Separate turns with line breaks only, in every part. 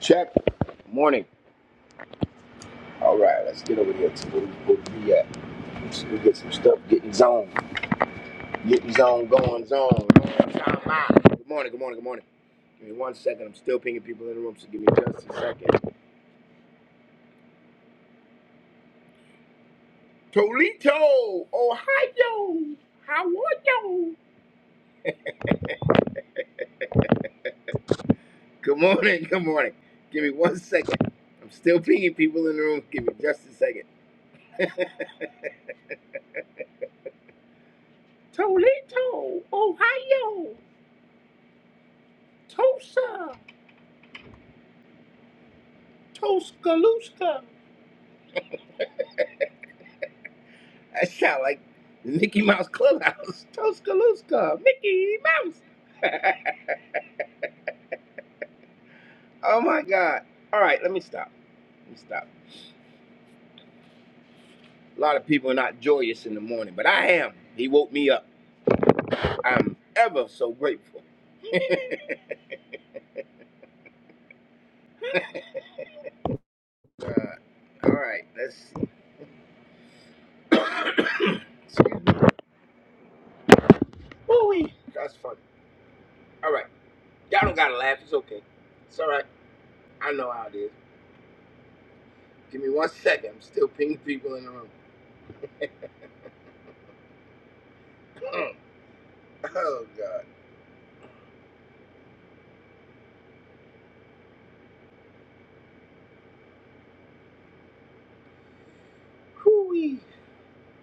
Check. Morning. All right, let's get over here to where we supposed to be at. Let's go get some stuff, getting zone, getting zone, going zone. Time out. Good morning, good morning, good morning. Give me one second. I'm still pinging people in the room, so give me just a second. Toledo, Ohio. How are you? Good morning, good morning. Give me one second. I'm still pinging people in the room. Give me just a second. Toledo, Ohio. Tulsa, Tuscaloosa. I sound like the Mickey Mouse Clubhouse. Tuscaloosa, Mickey Mouse. oh my God. All right, let me stop. Let me stop. A lot of people are not joyous in the morning, but I am. He woke me up. I'm ever so grateful. Uh, all right, let's see. Excuse me. Ooh-wee. That's funny. All right. Y'all don't gotta laugh. It's okay. It's all right. I know how it is. Give me one second. I'm still pinging people in the room. Mm. Oh, God. Hoo-wee.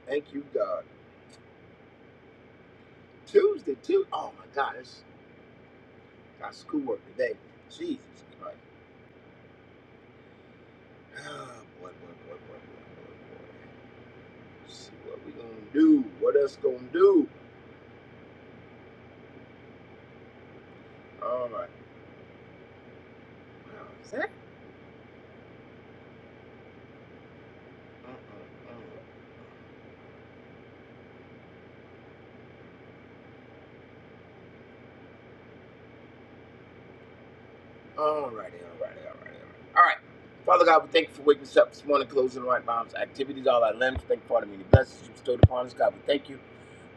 Thank you, God. Tuesday too. Oh my God, it's got schoolwork today. Jesus Christ. Oh, boy, boy, boy, boy, boy, boy, boy. Let's see what we gonna do. What else gonna do? All right. Now, is that? Uh-uh, uh-uh. Alrighty, alrighty, alrighty, alright. All right. Father God, we thank you for waking us up this morning, closing the right bombs, activities, all our limbs. Thank you for all the many blessings you bestowed upon us. God, we thank you.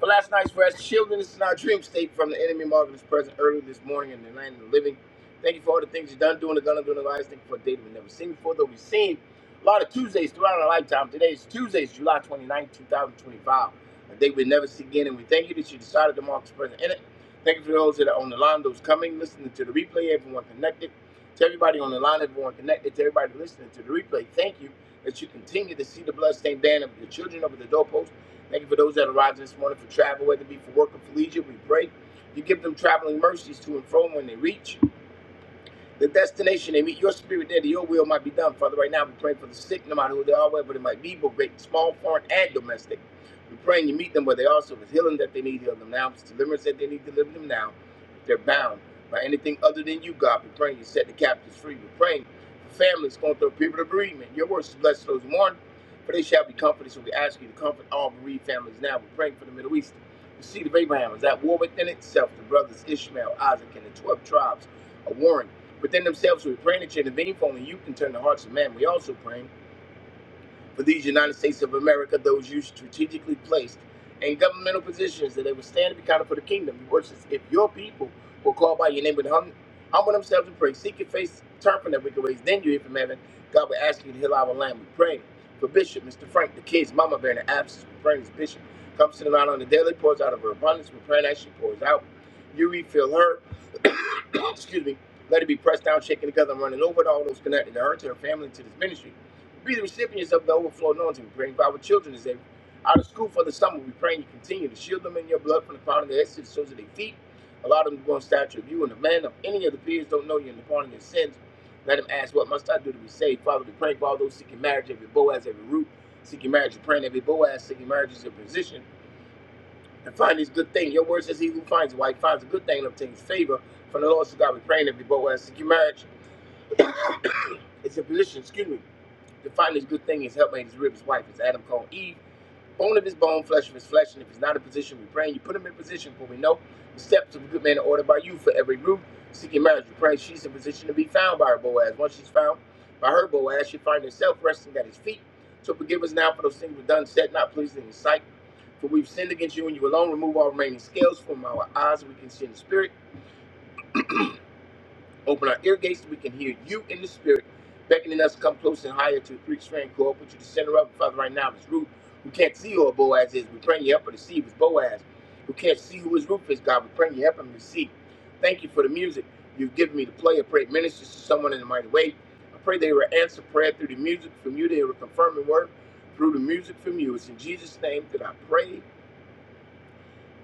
For last night's rest, shielding us in our dream state from the enemy marvelous present early this morning in the land of the living. Thank you for all the things you've done, doing, the gonna do in our lives. Thank you for a day that we've never seen before, though we've seen a lot of Tuesdays throughout our lifetime. Today is Tuesday, July twenty ninth, 2025, a day we never see again, and we thank you that you decided to mark this present in it. Thank you for those that are on the line, those coming, listening to the replay, everyone connected. To everybody on the line, everyone connected, to everybody listening to the replay, thank you that you continue to see the bloodstained banner of your children over the doorpost. Thank you for those that arrived this morning for travel, whether it be for work or for leisure. We pray you give them traveling mercies to and fro when they reach the destination they meet your spirit there, that your will might be done. Father, right now we pray for the sick, no matter who they are, whether it might be, both great, small, foreign, and domestic. We're praying you meet them where they are, so if it's healing that they need, heal them now. If it's deliverance that they need, deliver them now. If they're bound by anything other than you, God, we're praying you set the captives free. We're praying for families going through a period of bereavement. Your words is blessed those who mourn, for they shall be comforted. So we ask you to comfort all bereaved families now. We're praying for the Middle East. The seed of Abraham is at war within itself. The brothers Ishmael, Isaac, and the 12 tribes are warring Within themselves, we pray that you intervene for only you can turn the hearts of men. We also pray for these United States of America, those you strategically placed in governmental positions that they would stand to be counted for the kingdom. Your worship, if your people will call by your name and hum- humble themselves and pray, seek your face, turn from their wicked ways, then you hear from heaven. God will ask you to heal our land. We pray for Bishop, Mr. Frank, the kids, Mama Bear, in the absence. We're praying as Bishop comes to the line on the daily, pours out of her abundance. We're praying as she pours out. You refill her. Excuse me. Let it be pressed down, shaken together, and running over to all those connected to her, to her family, to this ministry. Be the recipients of the overflow anointing. We're praying for our children as they out of school for the summer. We're praying you continue to shield them in your blood from the crown of their heads to the soles of their feet. Allow them to go in stature of you and the man of any of the peers don't know you in the pardon of their sins. Let them ask, What must I do to be saved? Father, we pray for all those seeking marriage, every Boaz, every root, seeking marriage, you're praying every Boaz, seeking marriage is your position. And find this good thing. Your word says, He who finds a wife finds a good thing and obtains favor from the Lord. So God, we praying every Boaz, seeking marriage. It's your position, excuse me to find this good thing, his helpmate, his rib, his wife, as Adam called Eve. Bone of his bone, flesh of his flesh, and if he's not in position, we pray and you put him in position, for we know the steps of a good man are ordered by you for every root. Seeking marriage, we pray she's in position to be found by her Boaz. Once she's found by her Boaz, she find herself resting at his feet. So forgive us now for those things we've done, said, not pleasing in his sight. For we've sinned against you and you alone. Remove all remaining scales from our eyes, so we can see in the spirit. Open our ear gates so we can hear you in the spirit, beckoning us to come close and higher to the three strand cord. Put you the center of it, Father, right now. If It's Ruth, who can't see who her Boaz is. We pray you help her to see who his Boaz, who can't see who his Ruth is, God. We pray you help him to see. Thank you for the music you've given me to play. I pray it ministers to someone in the mighty way. I pray they will answer prayer through the music from you. They will confirm the word through the music from you. It's in Jesus' name that I pray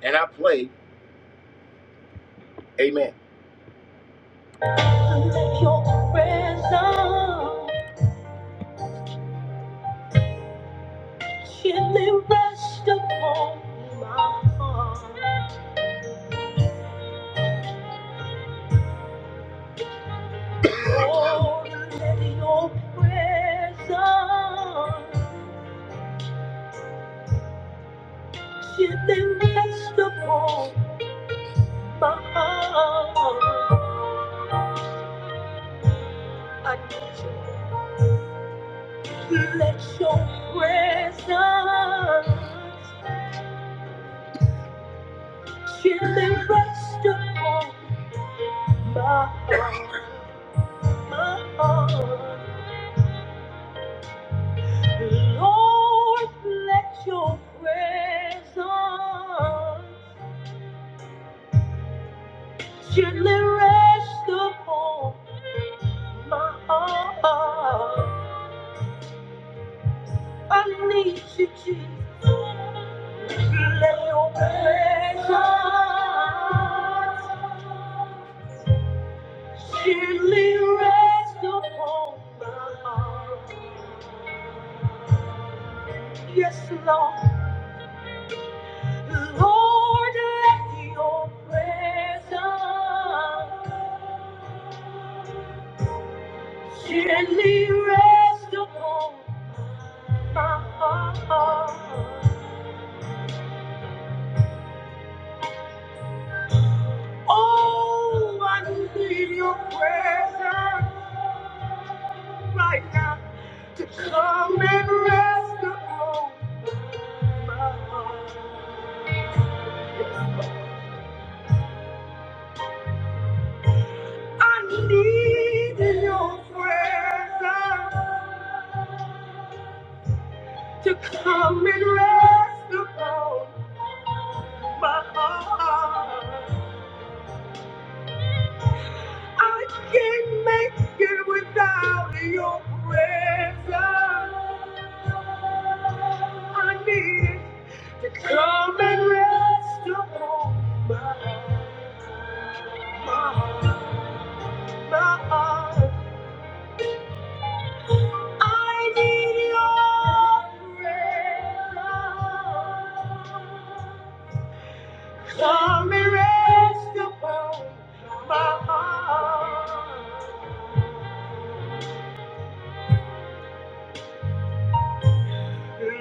and I play. Amen. Let your presence Gently rest upon my heart. Oh, let your presence gently rest upon my heart. I need you. Let your presence gently rest upon my heart. My heart. Lord, let your presence Gently rest upon my heart. I need you, Jesus. Let your presence gently rest upon my heart. Yes, Lord. Lord, let your presence gently rest upon my heart. Oh, I need your presence right now to come and rest upon my heart. I need your presence to come and rest upon my heart. I can't make it without your presence. I need to come and rest upon my heart, my heart. I need your presence. Come and rest upon my heart.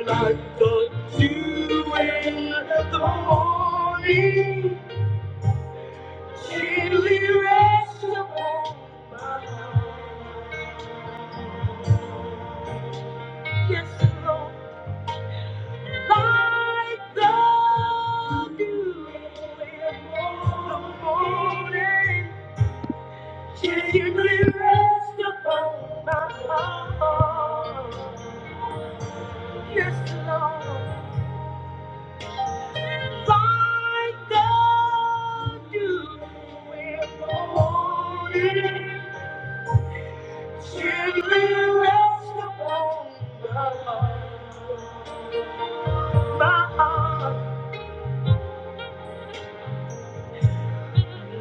Like the dew in the morning, chilly rest upon my heart. Yes, Lord, like the dew in the morning, chilly rest upon my heart. Yes, Lord. Like the dew in the morning, gently rest upon my heart.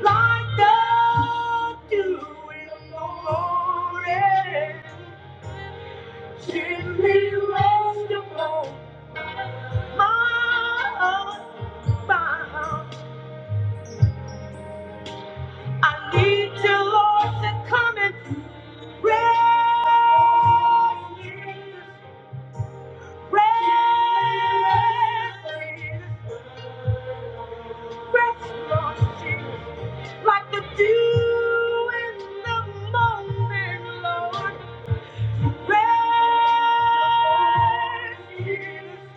Like the dew in the morning, gently rest upon my heart. I need you, Lord, to come and rest, rest, rest, Lord Jesus, like the dew in the morning, Lord. Rest,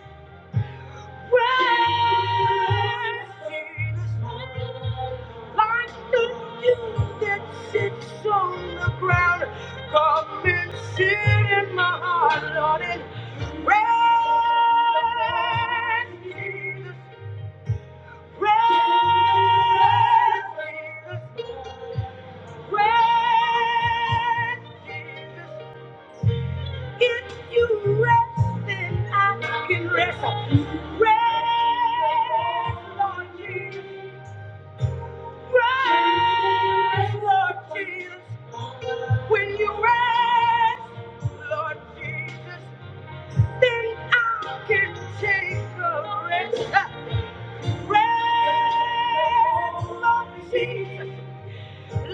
If you rest, then I can rest. Rest, Lord Jesus. Rise, Lord Jesus. When you rise, Lord Jesus, then I can take a rest. Rise, Lord Jesus,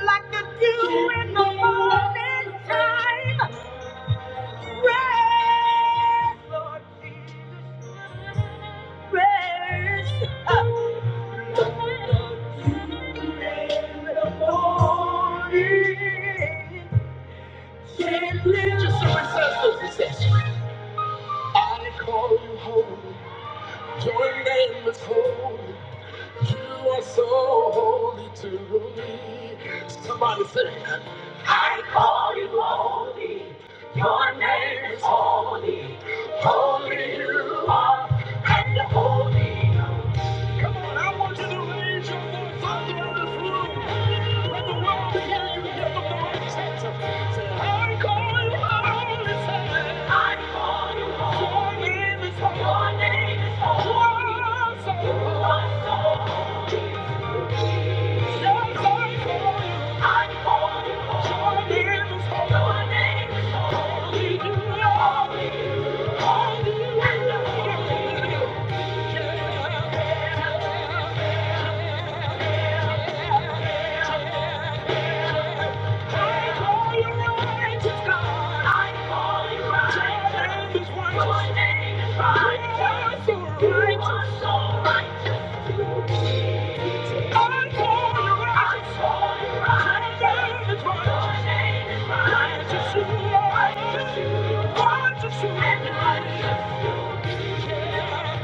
like the dew in the morning time. Rise, Lord Jesus, rise. Rise in the morning. Just so it says, it says, join the holy. I call you holy. Your name is holy. Holy you are, and the holy. Come on, I want you to raise your voice all around this room. Let the world hear you. Let the world. I call you holy. I call you holy. Your name is holy. Your name is holy. You are so holy. Yeah. I call you righteous God. I call you righteous. Your name is righteous. Your name is righteous. You are so You so I call you righteous. I call Your name is righteous. Your name is righteous. Righteous you are. Righteous you are. Somebody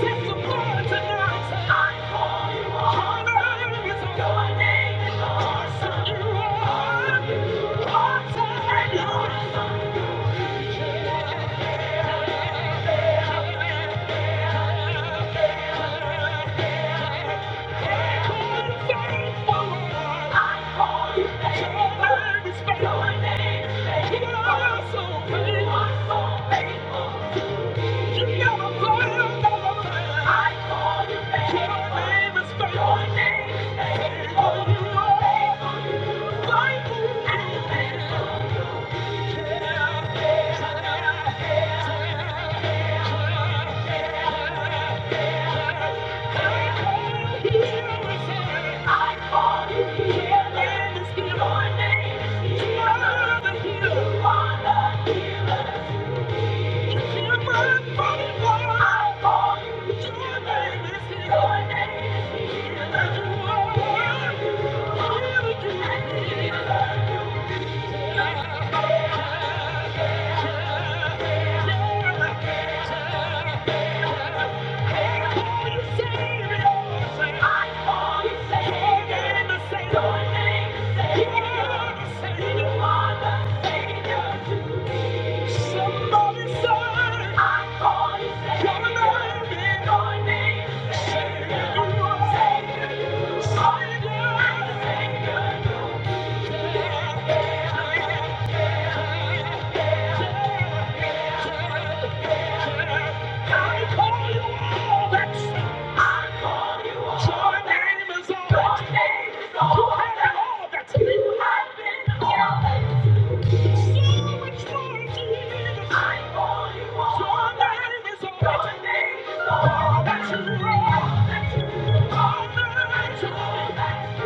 take some fire tonight. I call you on. Your name is on. Your name is on. You are. You are. Thank you. Thank you. Savior, you are the Savior. Savior, Savior, Savior, Thank you.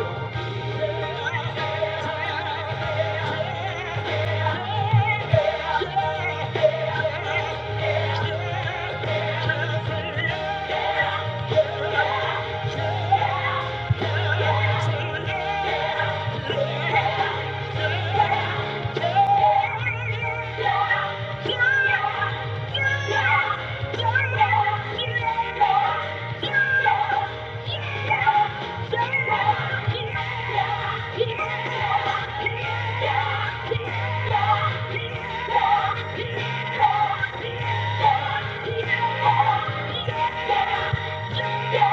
Yeah. Yeah. Yahweh,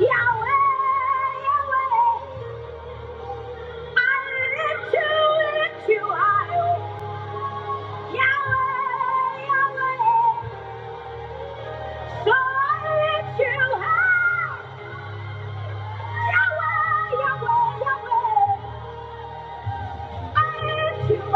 Yahweh, Yahweh. Yeah.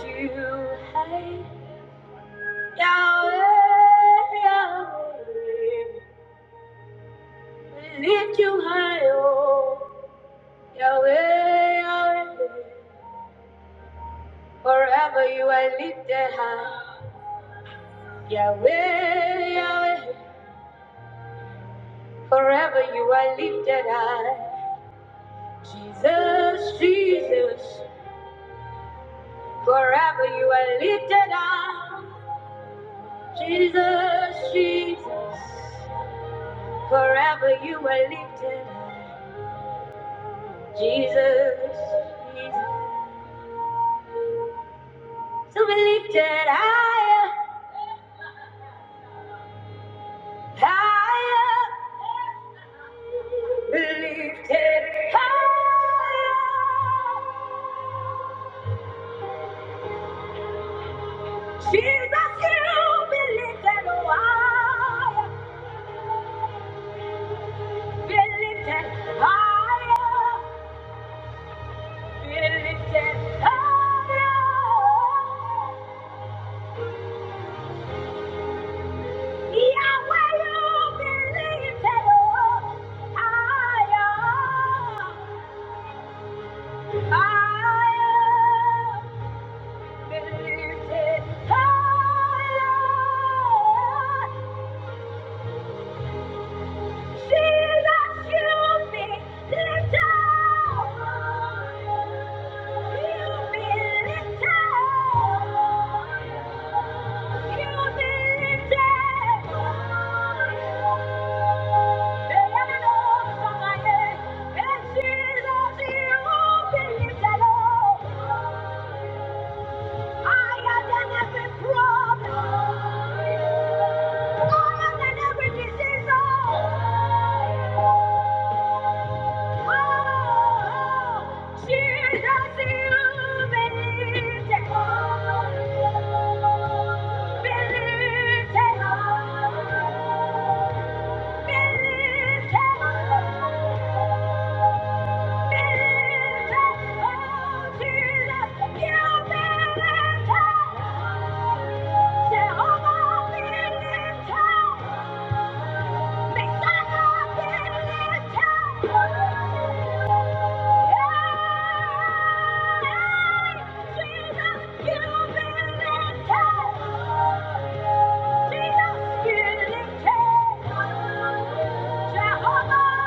You, hey, Yahweh, Yahweh. Lift you high, oh Yahweh, Yahweh. Forever you are lifted high, Yahweh, Yahweh. Forever you are lifted high, Jesus, Jesus. Forever you are lifted high, Jesus, Jesus. Forever you are lifted, high, Jesus, Jesus. So be lifted higher, higher. Lifted high, Jesus, you be lifted higher, be lifted higher, be lifted higher. Yahweh, you be lifted higher, higher, be lifted higher. Thank you. Higher than every problem. Higher than every disease. Oh, Jesus, you believed it. Believed it. Believed it. Jehovah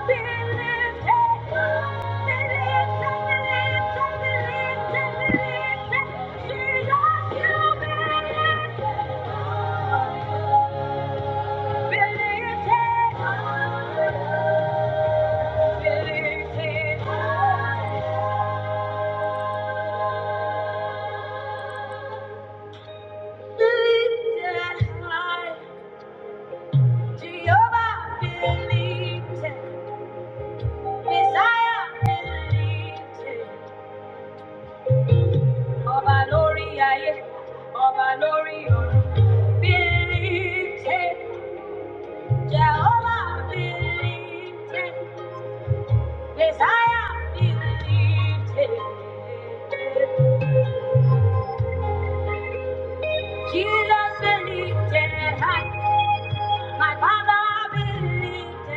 be lifted. Ọba lórí ayé, ọba lórí ọ̀run, believe it. Jehovah believed it. Messiah believed it. Jesus believed it. My father believed it.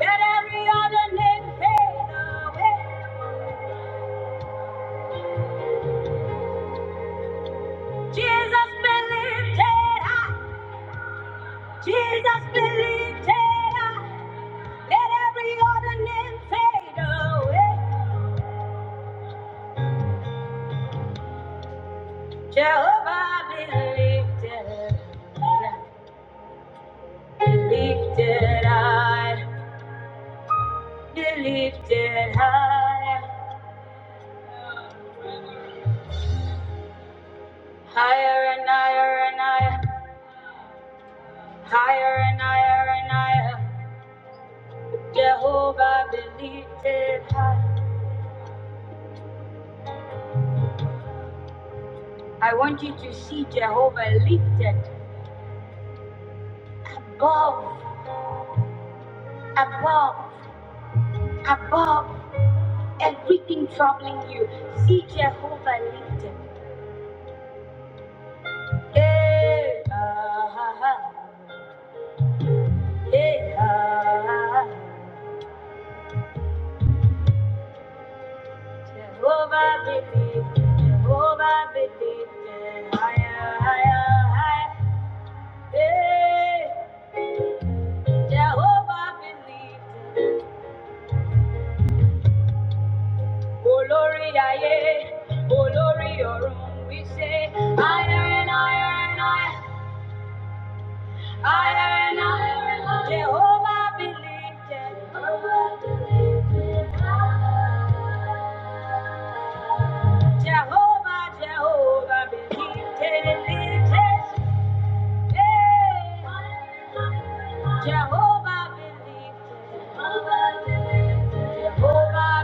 Let every other name fade away. Jesus believed it. Jesus believed it. Let every other name fade away. Jehovah believed it. Believed it. I. lifted high, higher and higher and higher, higher and higher and higher. Jehovah be lifted high. I want you to see Jehovah lifted above, above, above everything troubling you. See Jehovah lifted. Hey, ah, ah, ah. hey, ah, ah, ah. Jehovah Bidin, Jehovah Bidin, higher, higher, higher. Hey, Jehovah believed. Olori aye, Olori orun, we say higher and higher and higher, higher and higher and higher. Jehovah believed. Jehovah believed. Jehovah, Jehovah believed. Jehovah believed. it. it. Jehovah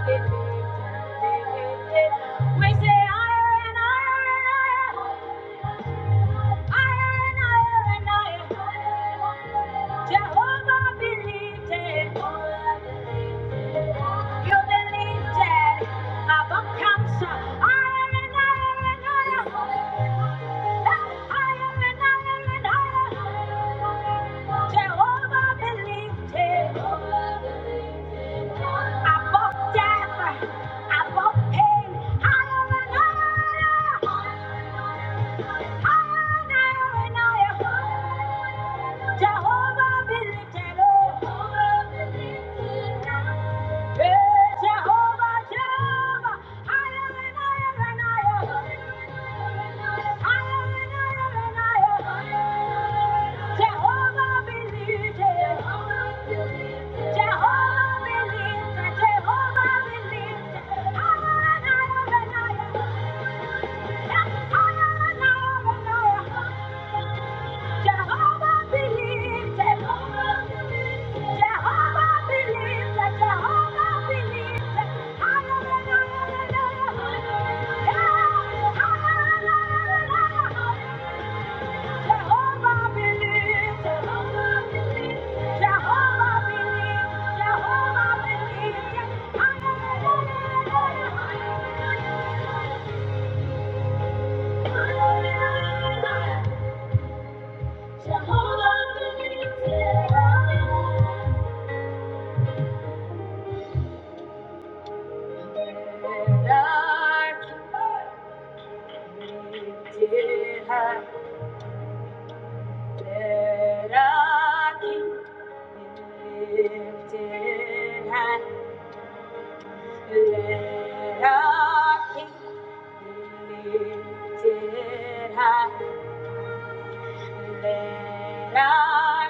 believed it. We say higher and higher and higher, higher and higher and higher. Jehovah believed it. You believed it. Above cancer, higher Jehovah believed it. Above death, above pain, higher and higher, higher and higher. Jehovah believed it. Jehovah Jehovah believes, Jehovah believes, Jehovah believes, Jehovah believes. Jehovah believes, Jehovah believes, Jehovah believes, Jehovah believes. Let our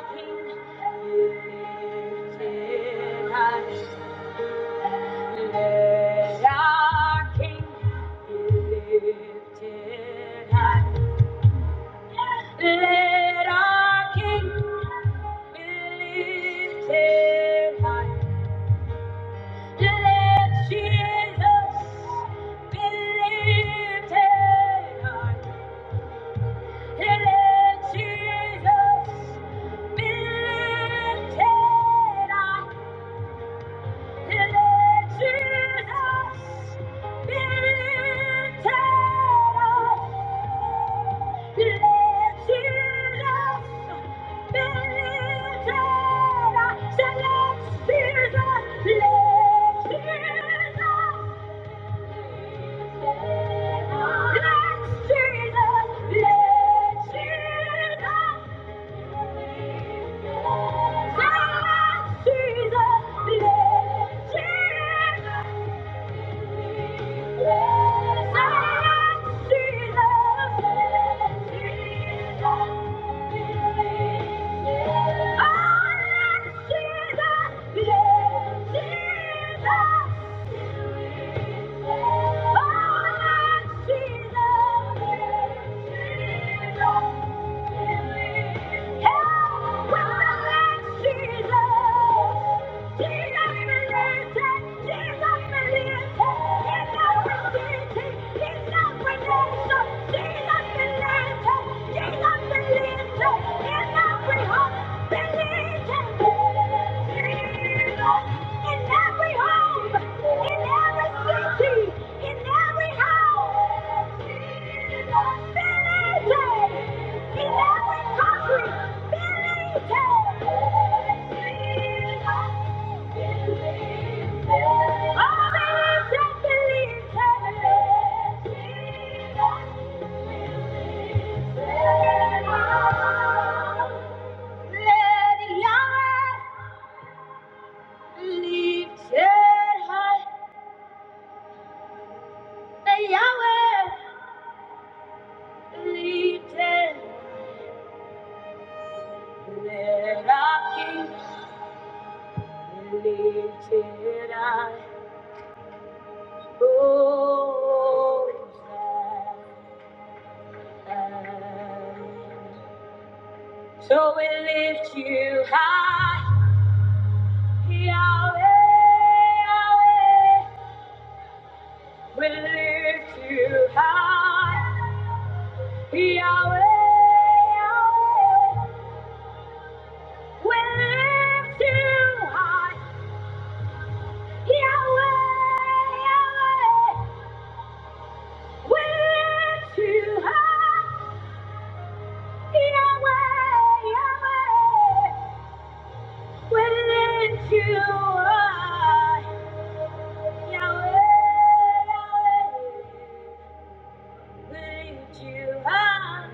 King be lifted high. Let our King be lifted high. Let our King be lifted high. Let Jesus be lifted high. Let Jesus be lifted high. Let Jesus, let Jesus, Oh, Believe in every home, in every city, in every house, believe In every country, believe Oh, believe it, believe it. Let it Lifted I the Yahweh, lifted, let our King, lifted high, oh, high. So we lift you high, Yahweh, Yahweh, we lift you high. Yahweh, Yahweh, We're too high. Yahweh, Yahweh. We're too high. Yahweh, Yahweh. We're too high.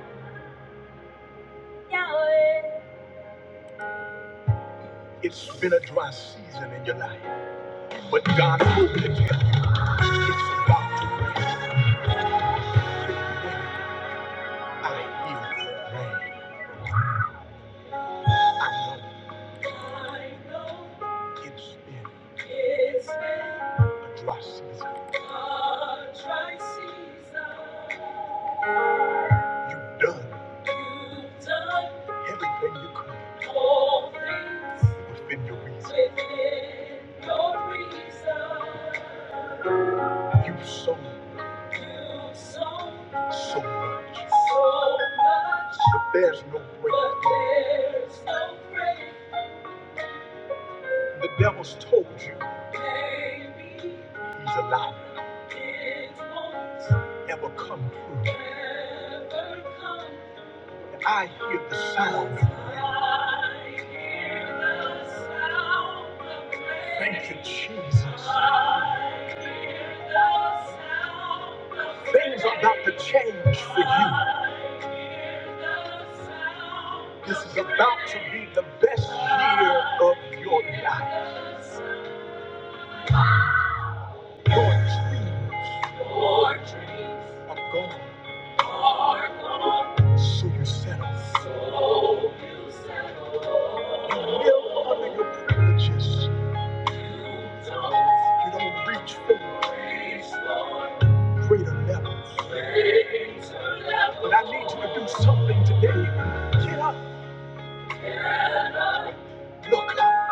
It's been a dry season in your life, but God will tell you it's about to rain. I hear the rain. I know it's been it's been a dry season. A dry season. You've done. You've done everything you could. All things within your reason. Within your reason. You've sown. You've sown so much. So much. But there's no break. But there's no break. The devil's told you he's a liar. It won't ever come true. I hear the sound. I hear the sound of praise. Thank you, Jesus. I hear the sound of praise. Things are about to change for you. I hear the sound of This is about to be the best year of your life. Your dreams Your dreams are gone. Are gone. So you settle. So you settle. You live under your privileges. You don't reach for greater levels. Greater levels. But I need you to do something today. Get up, look up,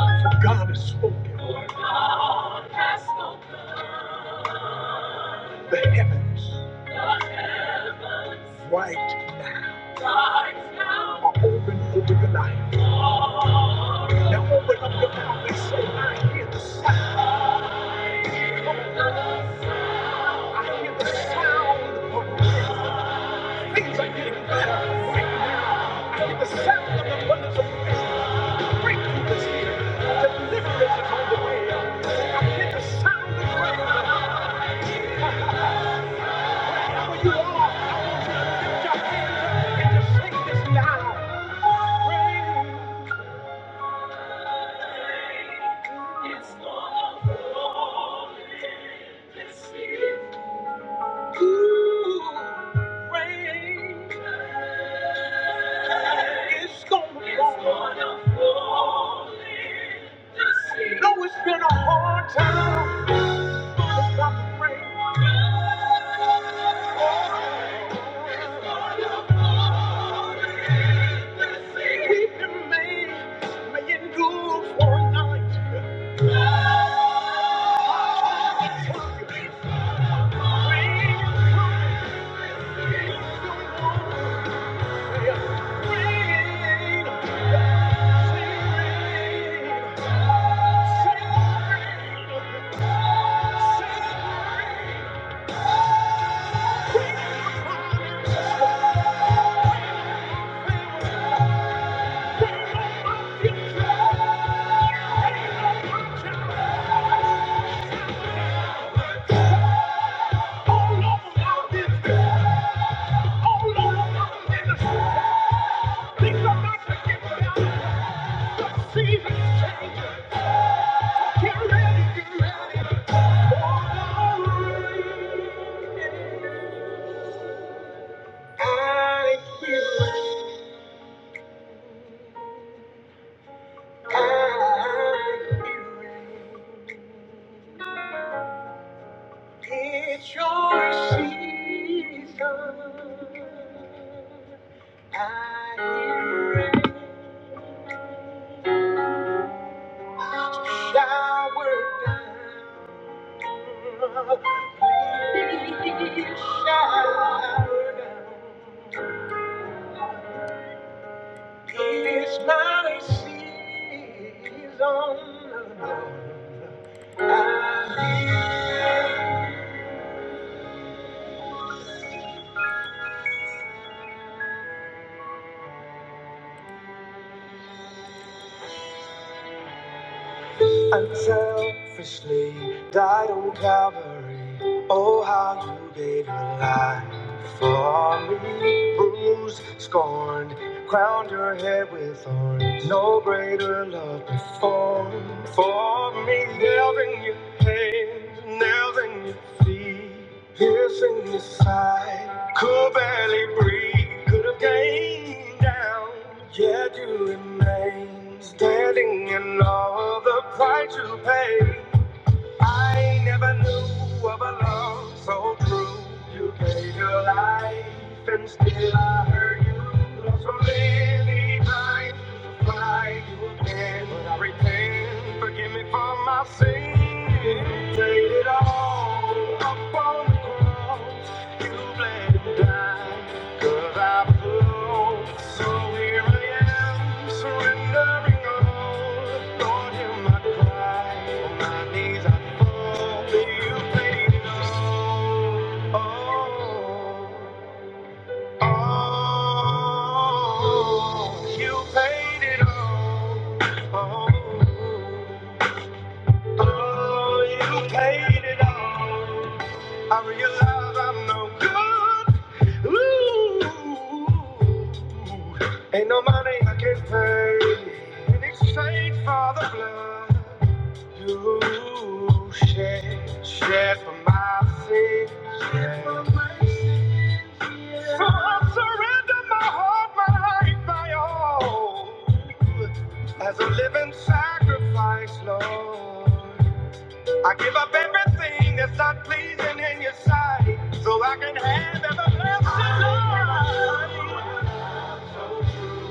for God has spoken. God has spoken. the heavens, right now, are open over your life. Now open up your mouth and say, I hear the sound. I hear the sound of rain. Things are getting better right now. I hear the sound of the abundance of rain. Breakthrough is here. Deliverance is on the way. I hear the sound of rain. Rain, it's gonna fall in this No, it's been a hard time without the rain. We've been made, made good for night. Rain. Get ready, get ready for the rain. I hear rain. I hear rain. It's your season. I hear rain. Shower down. You shower down. It is my season. I Unselfishly died on Calvary. Oh, how you gave your life for me. Bruised, scorned, Crowned your head with thorns. No greater love before. For me, nailed in your hands, nailed in your feet, piercing your side. Could barely breathe, could have gained down. Yet you remain standing in all of the price you paid. I never knew of a love so true. You gave your life, and still I hurt you. Lost so many times to find you again. But I repent, forgive me for my sin. Take it all up on Oh, you paid it all. Oh. Oh, you paid it all. I realize I'm no good. Ooh, ain't no money I can pay in exchange for the blood you shed, shed for my sins. Shed for my sins. So I surrender my heart, my life, my all as a living sacrifice, Lord. I give up everything that's not pleasing in your sight so I can have everlasting life.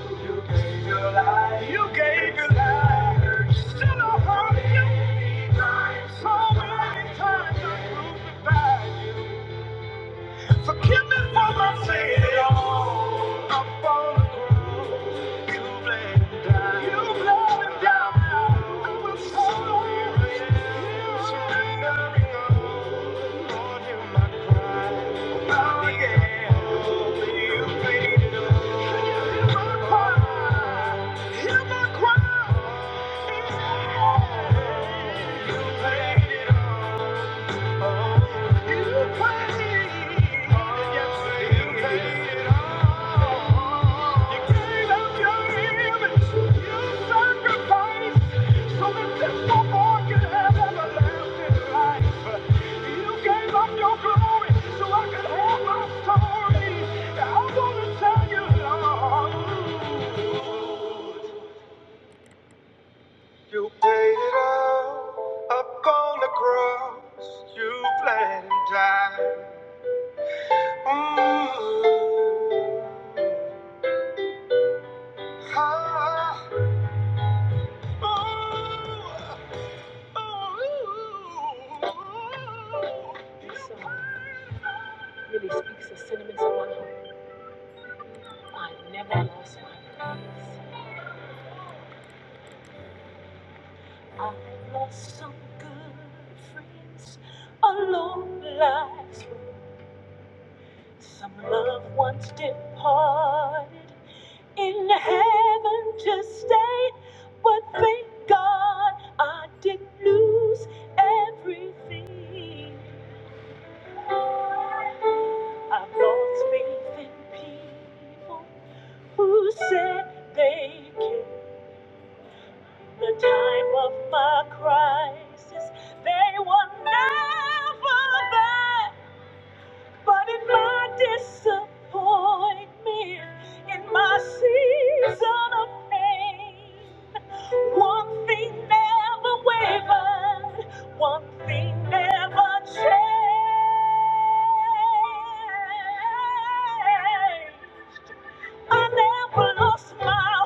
You gave your life. You gave your life. Still I hurt you. So many times I crucified you. Forgive me for my failure. I'm on the ground. You bled and died. You bled and died. I will surrender. Surrendering all. Lord, hear my cry. Oh, yeah. You paid it all. Hear my cry. Hear my cry. Yeah. You paid it all. You paid it all up on the cross. You bled and died. Ooh. Ah. Ooh. Ooh. Mix the cinnamon to one whole I lost my place. I lost some good friends along life's road. Some loved ones departed in heaven to stay. But thank God I didn't lose everything. I've lost faith in people who said they cared. the time of my crisis. They were never there, but in my disappointment, in my season of pain, one thing never wavered, one thing never changed. I never lost my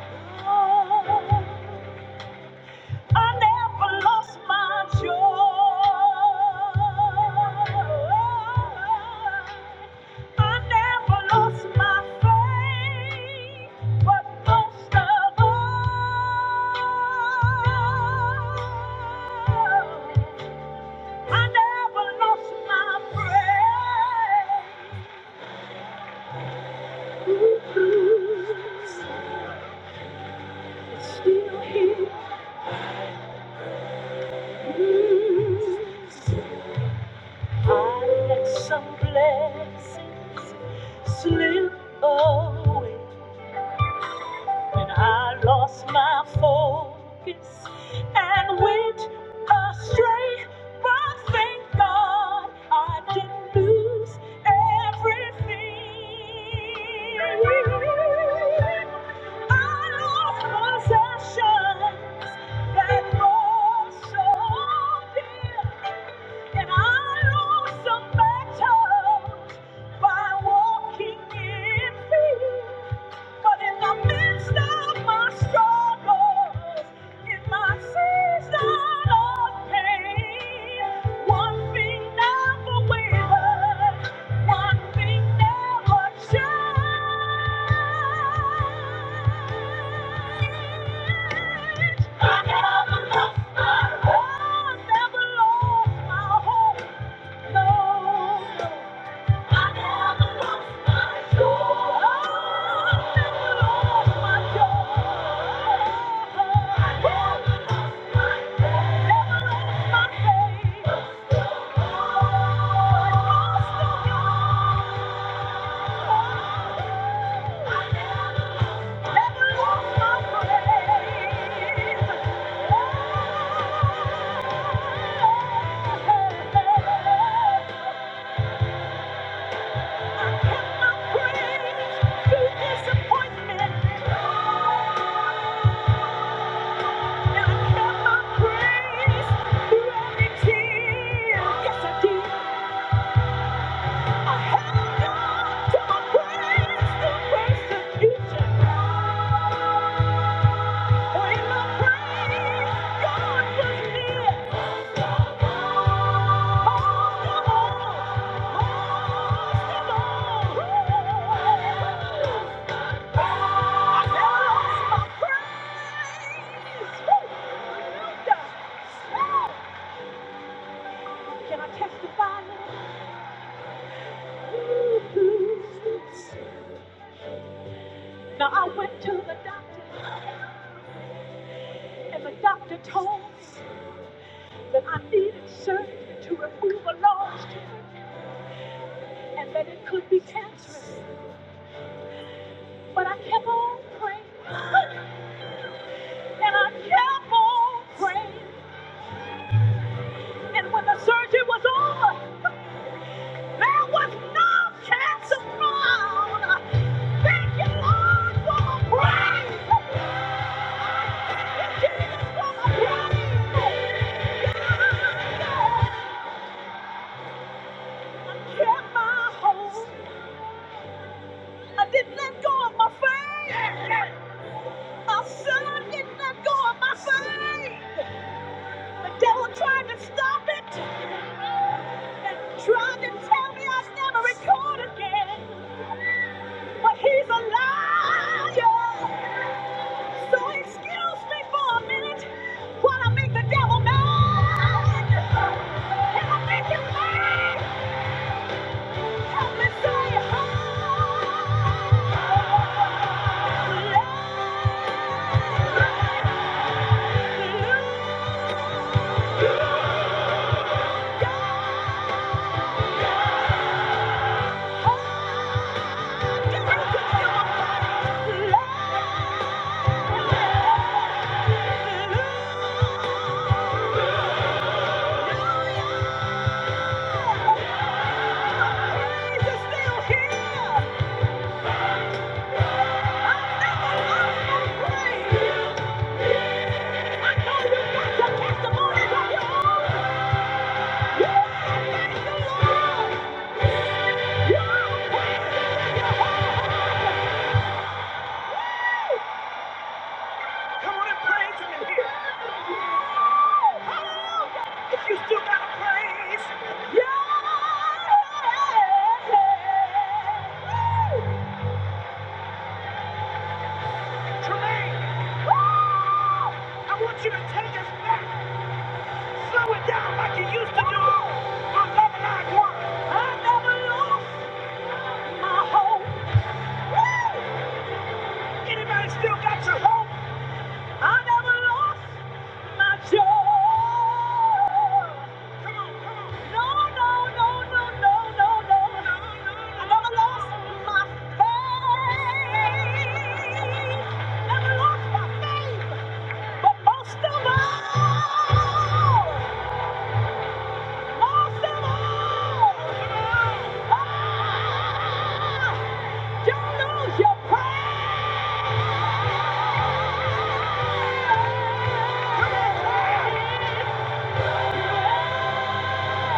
hope. I never lost my joy. I never lost my faith. But most of all, I never lost my praise. Ooh, ooh, Still here. Ooh, I let some blessings slip away when I lost my focus and went astray. But thank God I didn't lose everything. I lost possessions that were so dear, and I lost some battles by walking in fear. But in the midst of my struggles, in my season of pain, one thing never wavered, one thing never changed. I never lost my hope, I never lost my hope never lost my faith. Thank you. Can I testify Now I went to the doctor, and the doctor told me that I needed surgery to remove a large tumor. and that it could be cancerous. But I kept on praying, and I kept on praying. And when the surgery was over, there was no cancer found. Thank you, Lord, for my praise. Thank you, Jesus, for my praise. I kept my hope. I didn't let go of my faith. I said I didn't let go of my faith. The devil tried to stop it, tried to tell me I'd never record again. But he's a liar. So excuse me for a minute while I make the devil mad. Can I make him mad? Help me say hallelujah. Yeah. Come on and praise him in here. Hallelujah. If you still got a praise, yeah. Tremaine, I want you to take us back. Slow it down like you used to do. I love it like one. I never lost my hope. Anybody still got your hope? I never lost. Don't lose your pride. oh,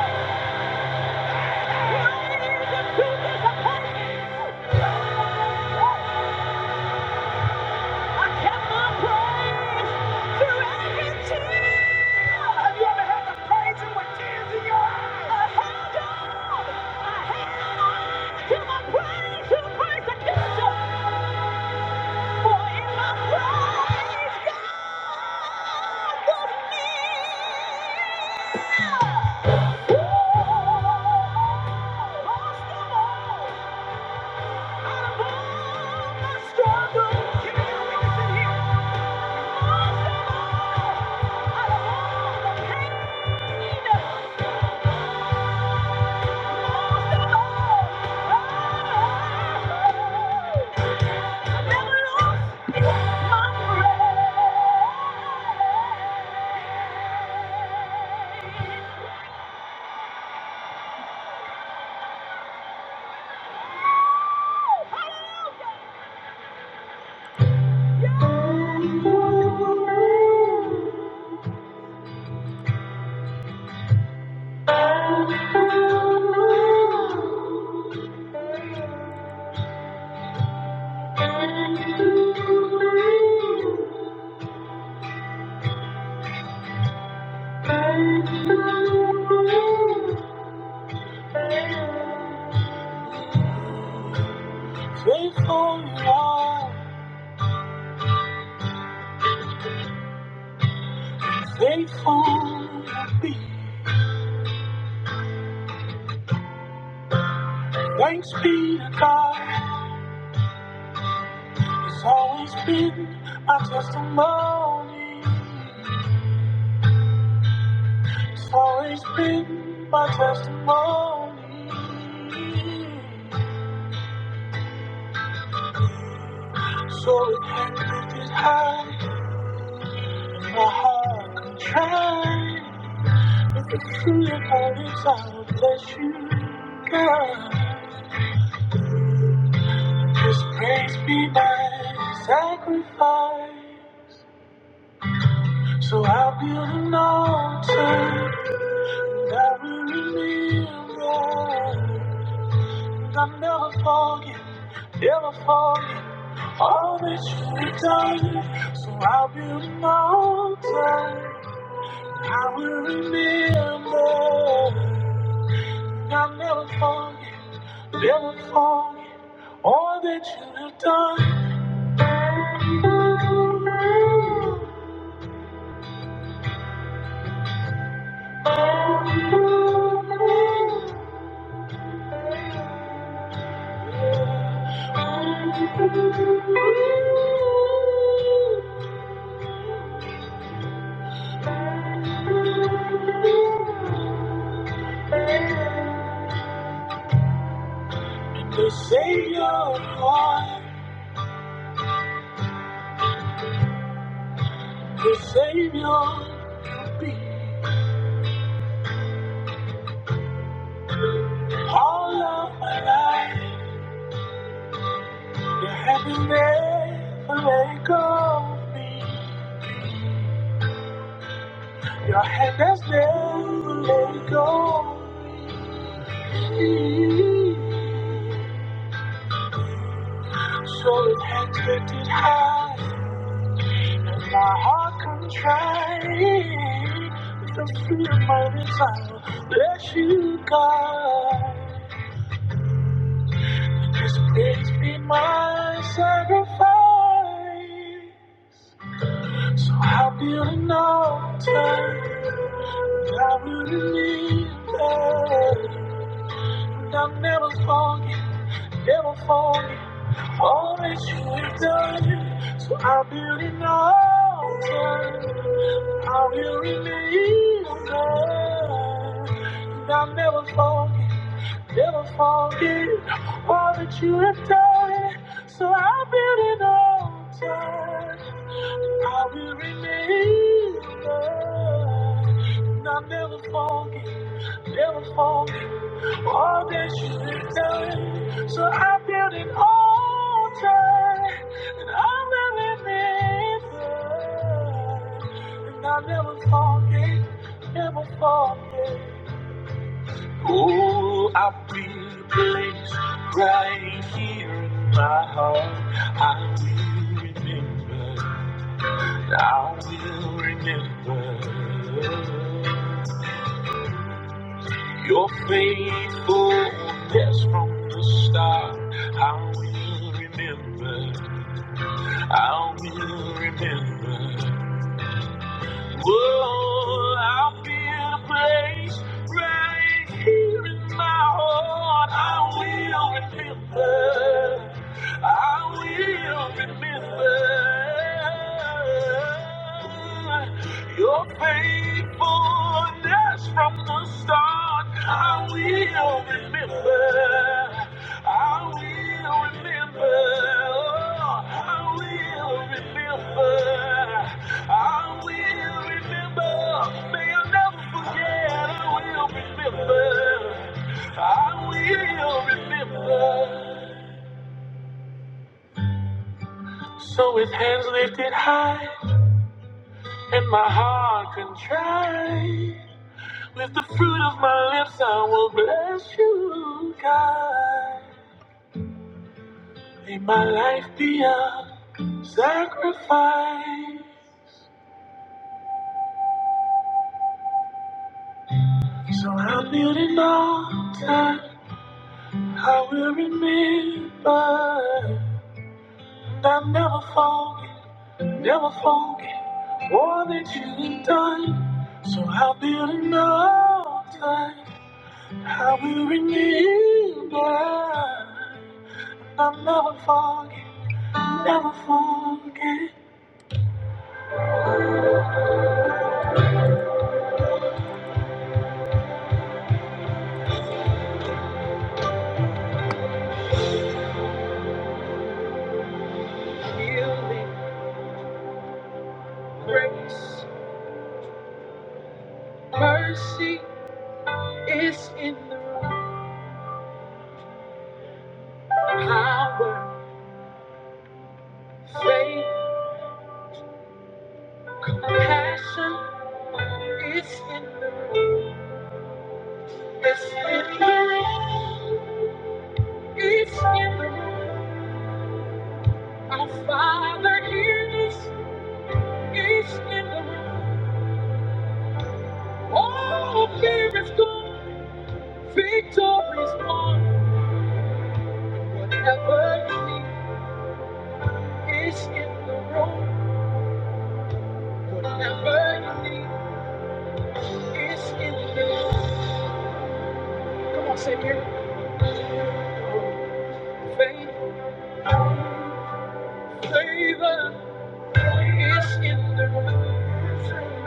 So it can lift it high, my heart can try. With the feeling that God is all bless you, God. Just praise be my sacrifice. So I'll build an altar that will remember. And I'll never forget, never forget all that you've done. So I'll build an altar I will remember. And I'll never forget. Never forget all that you have done. The Savior, I, the Savior, you be all of my life. Your hand has never let go of me. Your hand has never let go of me. So it hangs lifted high. My heart contrite, with the fear of my desire, let you guide. Just please be my sacrifice. So happy an altar, I really need that. And I'll never forget, never forget all that you have done. So I build an altar. I will remain on God. And I'll never forget, never forget all that you have done. So I will build an altar I will remember, and I'll never forget, never forget all that you have done. So I build an altar, and I will remember, and I'll never forget, never forget. Oh, I feel place right here in my heart. I will remember. I will remember your faithfulness from the start. I will remember. I will remember. Whoa, I'll be in a place right here in my heart. I will remember. I will remember your faithfulness from the start. I will remember. I will remember. I will remember. I will remember. May I never forget. I will remember. I will remember. So with hands lifted high and my heart contrite, with the fruit of my lips I will bless you, God. May my life be a sacrifice. So I'm building altar. I will remember. I'll never forget, never forget all that you've done. So I'll build an altar. I will remember. I'll never forget, never forget. Healing grace, mercy is in the room. Power, faith, passion is in the room. It's in the room. It's in the room. Our Father hears us. It's in the room. All fear is gone. Victory is won. Whatever you need is in the room. Whatever you need is in the room. Come on, say it. Faith, favor is in the room.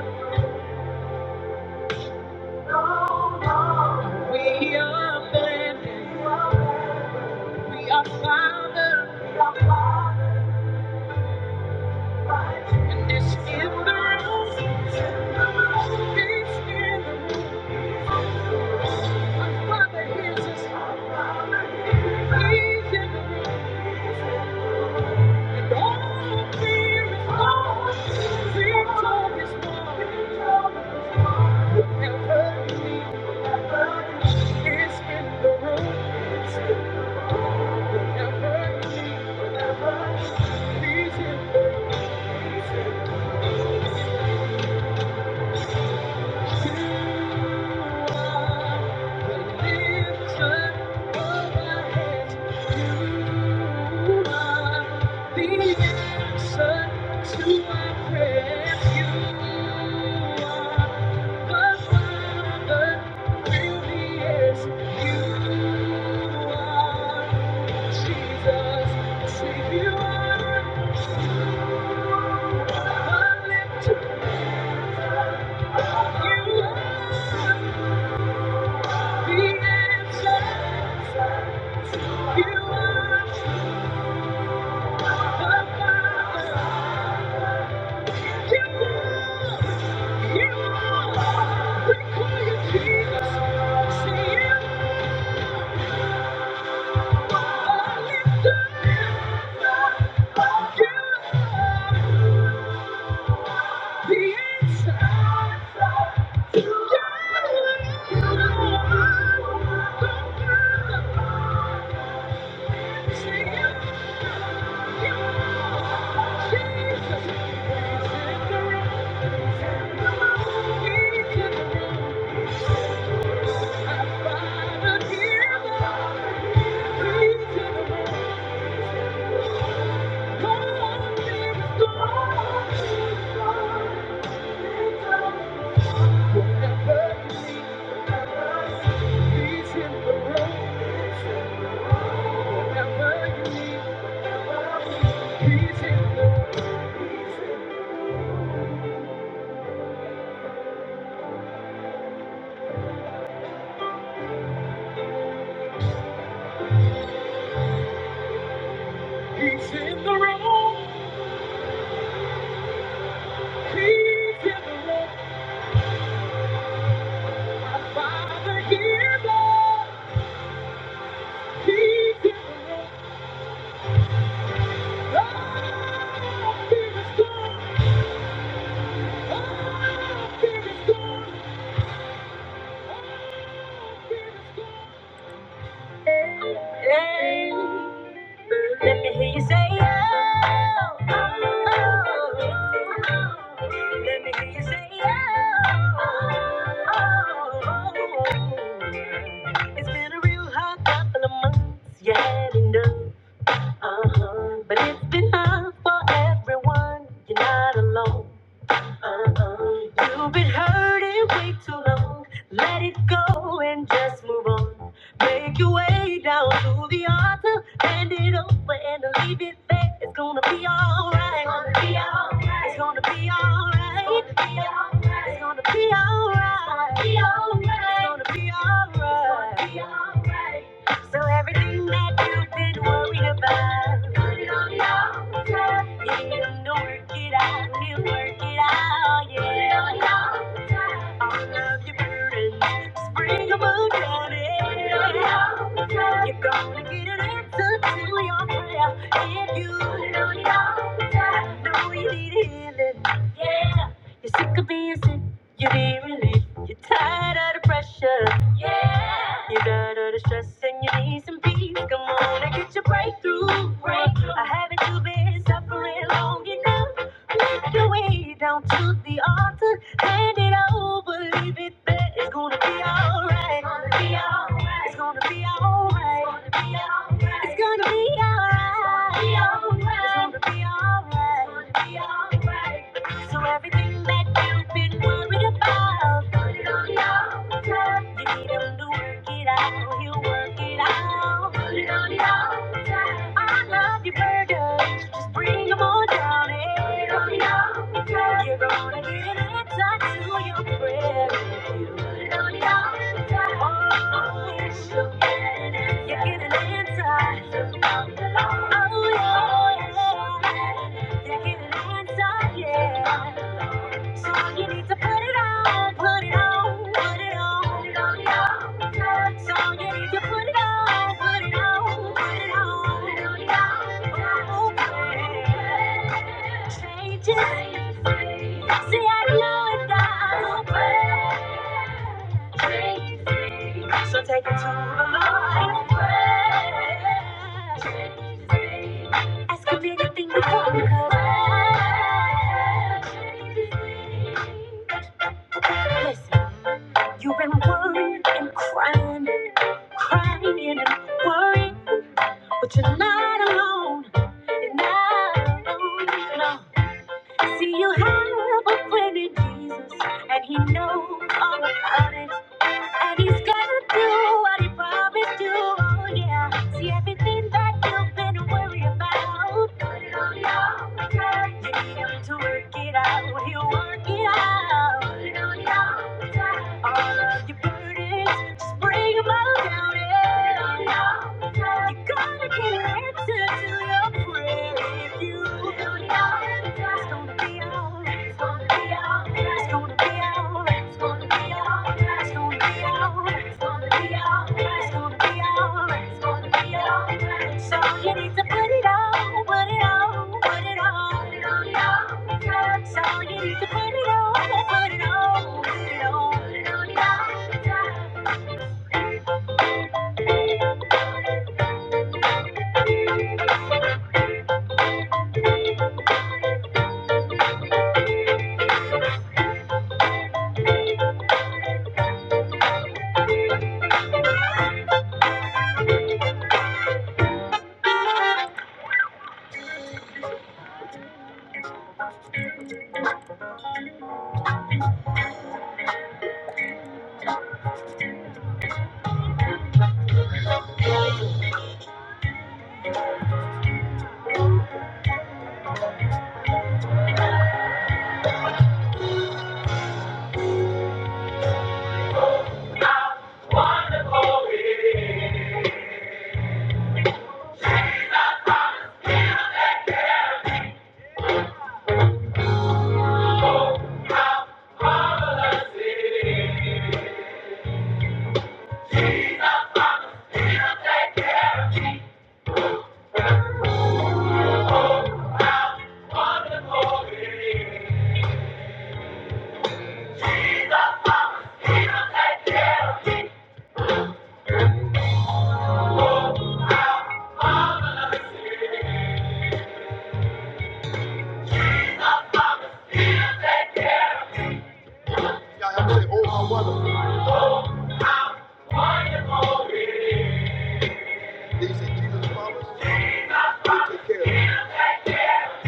We are men, we are fathers, and it's in the room. It's in the room. Our Father hears us. He's in the room. Please, you. Jesus, Savior, you Jesus. The answer to Thank you. He's in the room. He's in the room. My father hears us. He's in the room. Oh, fear is gone. Oh, fear is gone. Fear is gone. Yeah. Let me hear you say oh. oh, oh. Let me hear you say oh. oh, oh. It's been a real hard couple of months. You had enough. Uh-huh. But it's been hard for everyone. You're not alone. Uh-uh. You've been hurting way too long. Let it go and just move on. Make your way down to the altar, hand it over and leave it there. It's gonna be alright. It's gonna be alright. It's gonna be alright. It's gonna be alright. It's gonna be alright. It's gonna be alright. So everything that you've been worried about, put it on the altar. Yeah, you know work it out, you will work it out, yeah. Put it on the altar. All of your burdens, just bring them on down. yeah. Put it on the altar. You're gonna get an answer to your prayer if you put it on the altar. Know you need healing, yeah. You're sick of being sick, you need relief. You're tired of the pressure. Yeah. You're tired of the stress and you need some peace. Come on and get your breakthrough. Breakthrough. Or haven't you been suffering long enough? Make your way down to the altar. Hand it over. Leave it there. It's gonna be alright. It's gonna be alright. It's gonna be alright. It's gonna be alright. It's gonna be alright. It's gonna be alright. So everything that you've been worried about. You need him to work it out, he'll work it out. Put it on it all I love your burdens, just bring on down. eh? Put it on it all You're gonna get an answer to your prayer. Put it on it all Oh, yes, you'll get an answer. you so you need to put it on, put it on, put it on, put it on, put it on. So you need to put it on, put it on, put it on, put it on, put it on. Oh, See, I know it's not so bad. So take it to the Lord. Pray. Ask him anything you want. 'cause- Listen, you've been worrying and crying, crying and worrying, but you're not alone. You're not alone. No. See, you have a friend in Jesus, and He knows all about it. And he's gonna do what he promised to, oh yeah. See everything that you've been worried about. Put it on the altar. You need him to work it out. He'll work it out. Put it on the altar. All of your burdens, just bring them all down. Yeah. Put it on the altar. You're gonna get an answer to your prayer if you put it on the altar. It's gonna be alright. It's gonna be alright. So you need to put it on, put it on, put it on, put it on, So you need to put it on, put it on, put it on, put it on, He said, Jesus promised to take care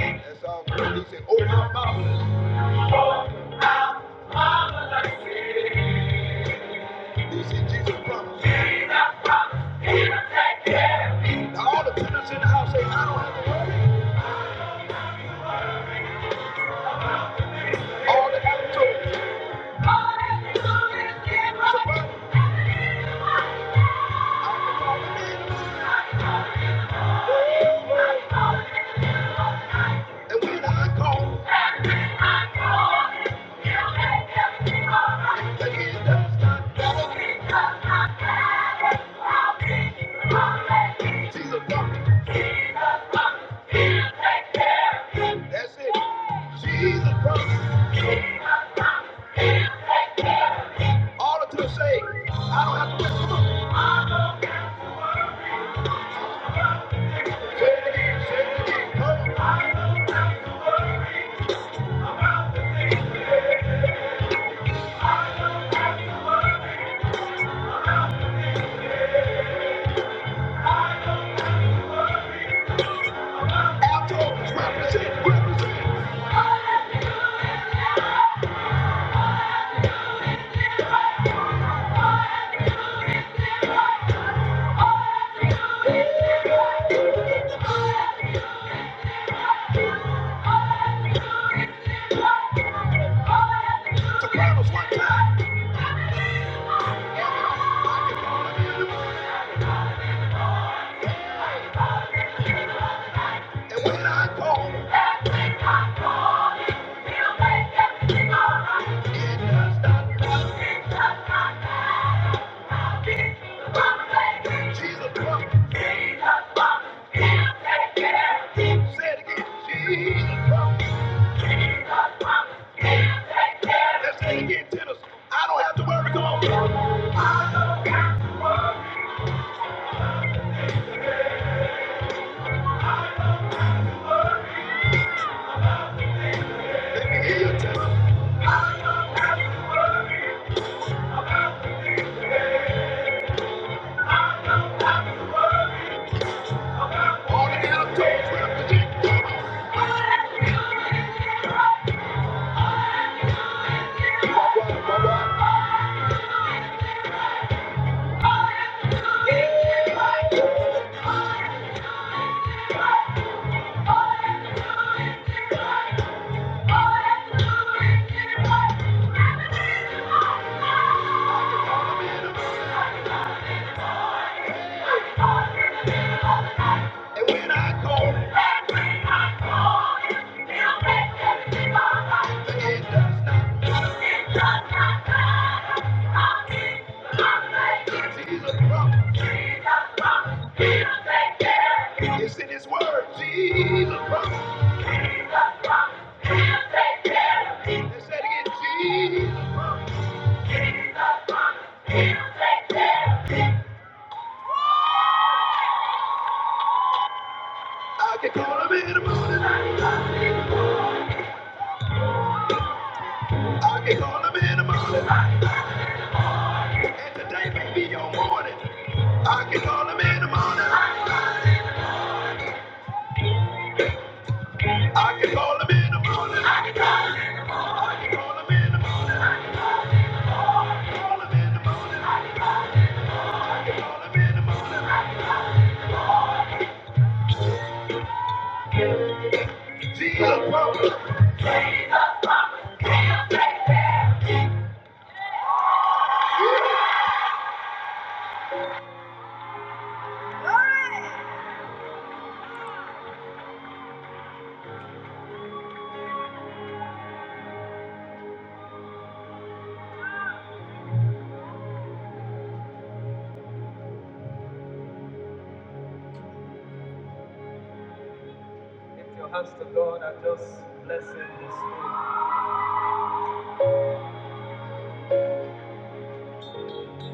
of me. That's all. He said, open my He said, Jesus promised. Now all the tenants in the house say, I don't have to worry. All that have All that you do is give up. To say, to say, to one time. And when I call, it does not come. Jesus comes. Say it again. Jesus. Let's take it, tennis. I don't have to worry. Come on. I can call him in the morning. And today may be your morning. I can call him in the morning. I can call him in the morning. I can call him in the morning. Call him in the morning. I can call him in the morning. Lift your hands to God and just bless Him this way.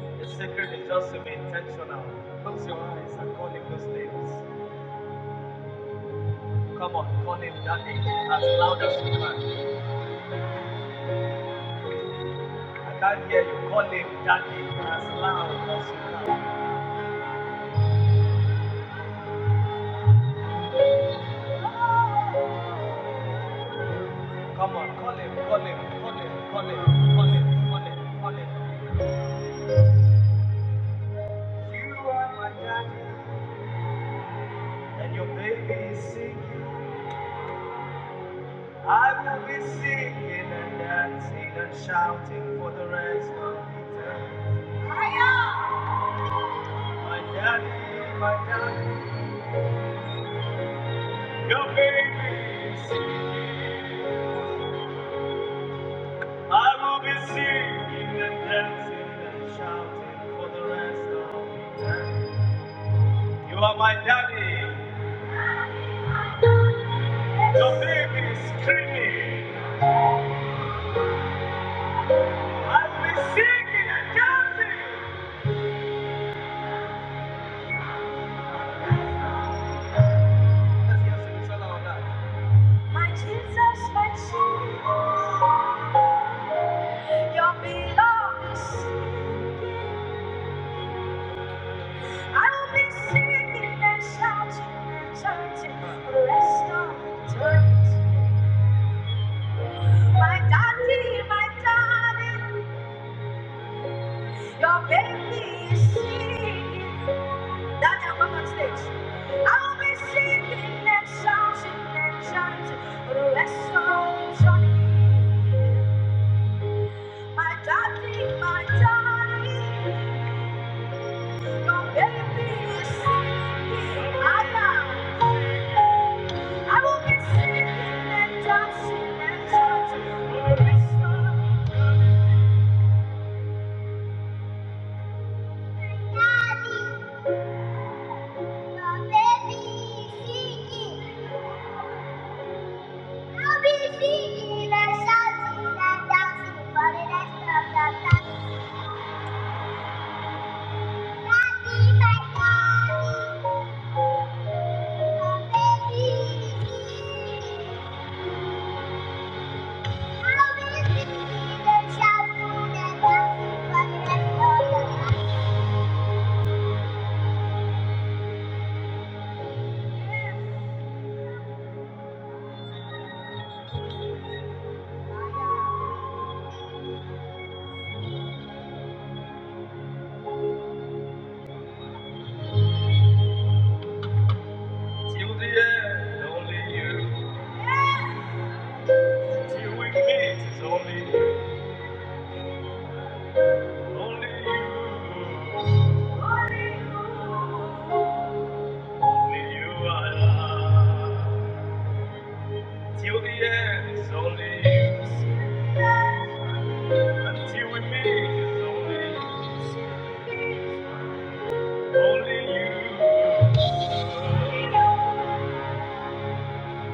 The secret is just to be intentional. Close your eyes and call Him those names. Come on, call Him Daddy as loud as you can. I can't hear you. Call Him Daddy as loud as you can. Come on, call Him, call Him, call Him, call Him, call Him, call Him, call Him. You are my daddy, and your baby is singing. I will be singing and dancing and shouting for the rest of eternity. You are daddy. Don't leave My Jesus, my Jesus, beloved. I will be singing and shouting and chanting for the rest of eternity. My daddy, my daddy. Your baby is singing. Daddy, I'm up on stage. I'll be singing and shouting and chanting for the rest of eternity. My daddy, my daddy, your baby is singing. I I will be singing and dancing and shouting for the rest of eternity. Daddy, your baby is singing. I'll be singing and shouting and dancing for the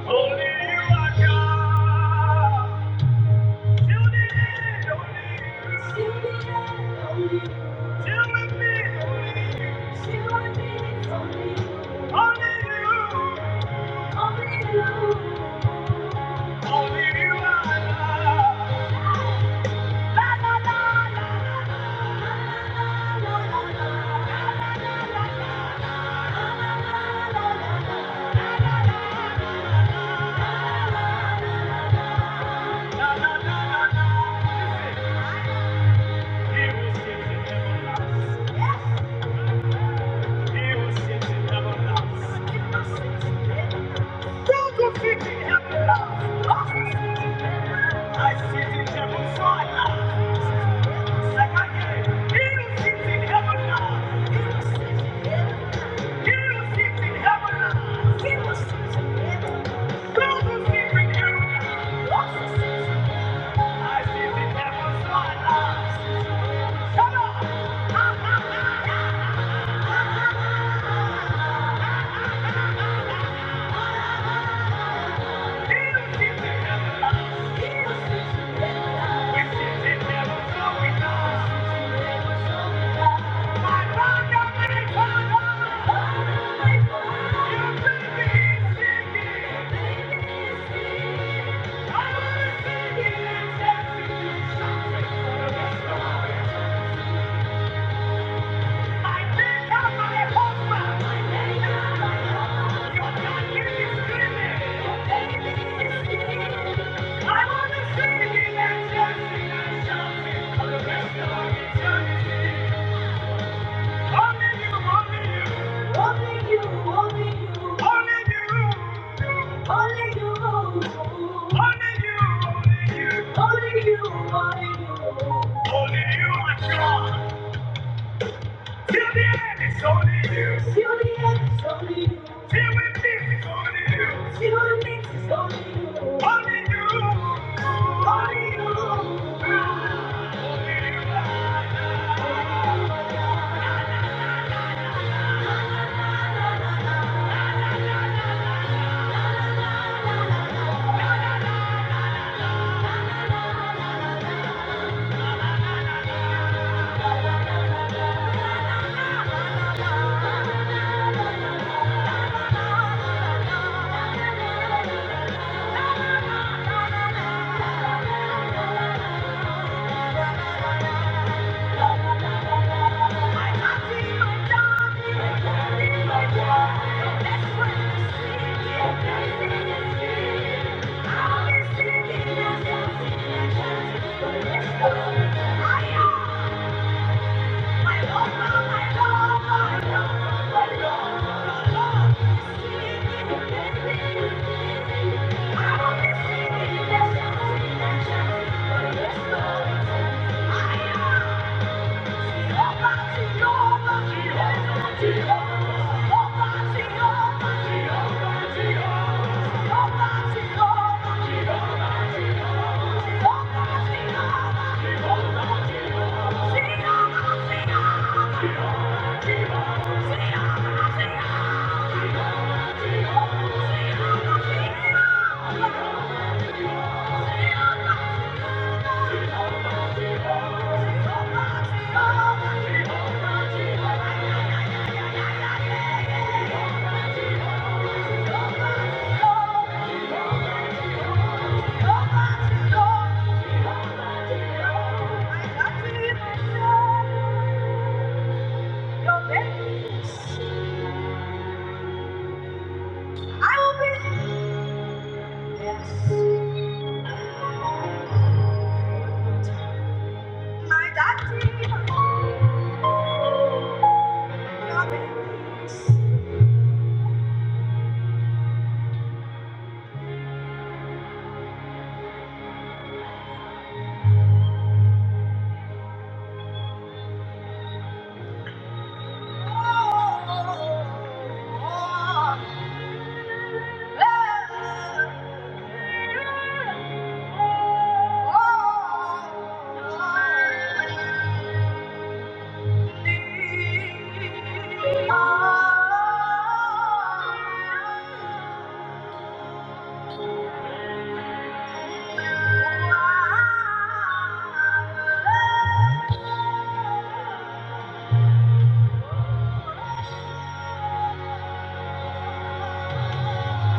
Only you are God. La la la la la. heaven you. I see the devil's lies. Come on! He'll see the devil's lies. We see the devil's glory lies. My God, God, my God. You could be singing. I was singing and dancing to something for the best of all. Only you only only you, only you, are God. Till the end, it's only you. Till the end, it's only you. Till we meet, it's only you. Till we meet, it's only you. Only you. Only you. Only you. Only you. Thank you. Thank you. Thank you. Jehovah, Yes. My daddy, oh, oh, oh, oh. Thank you.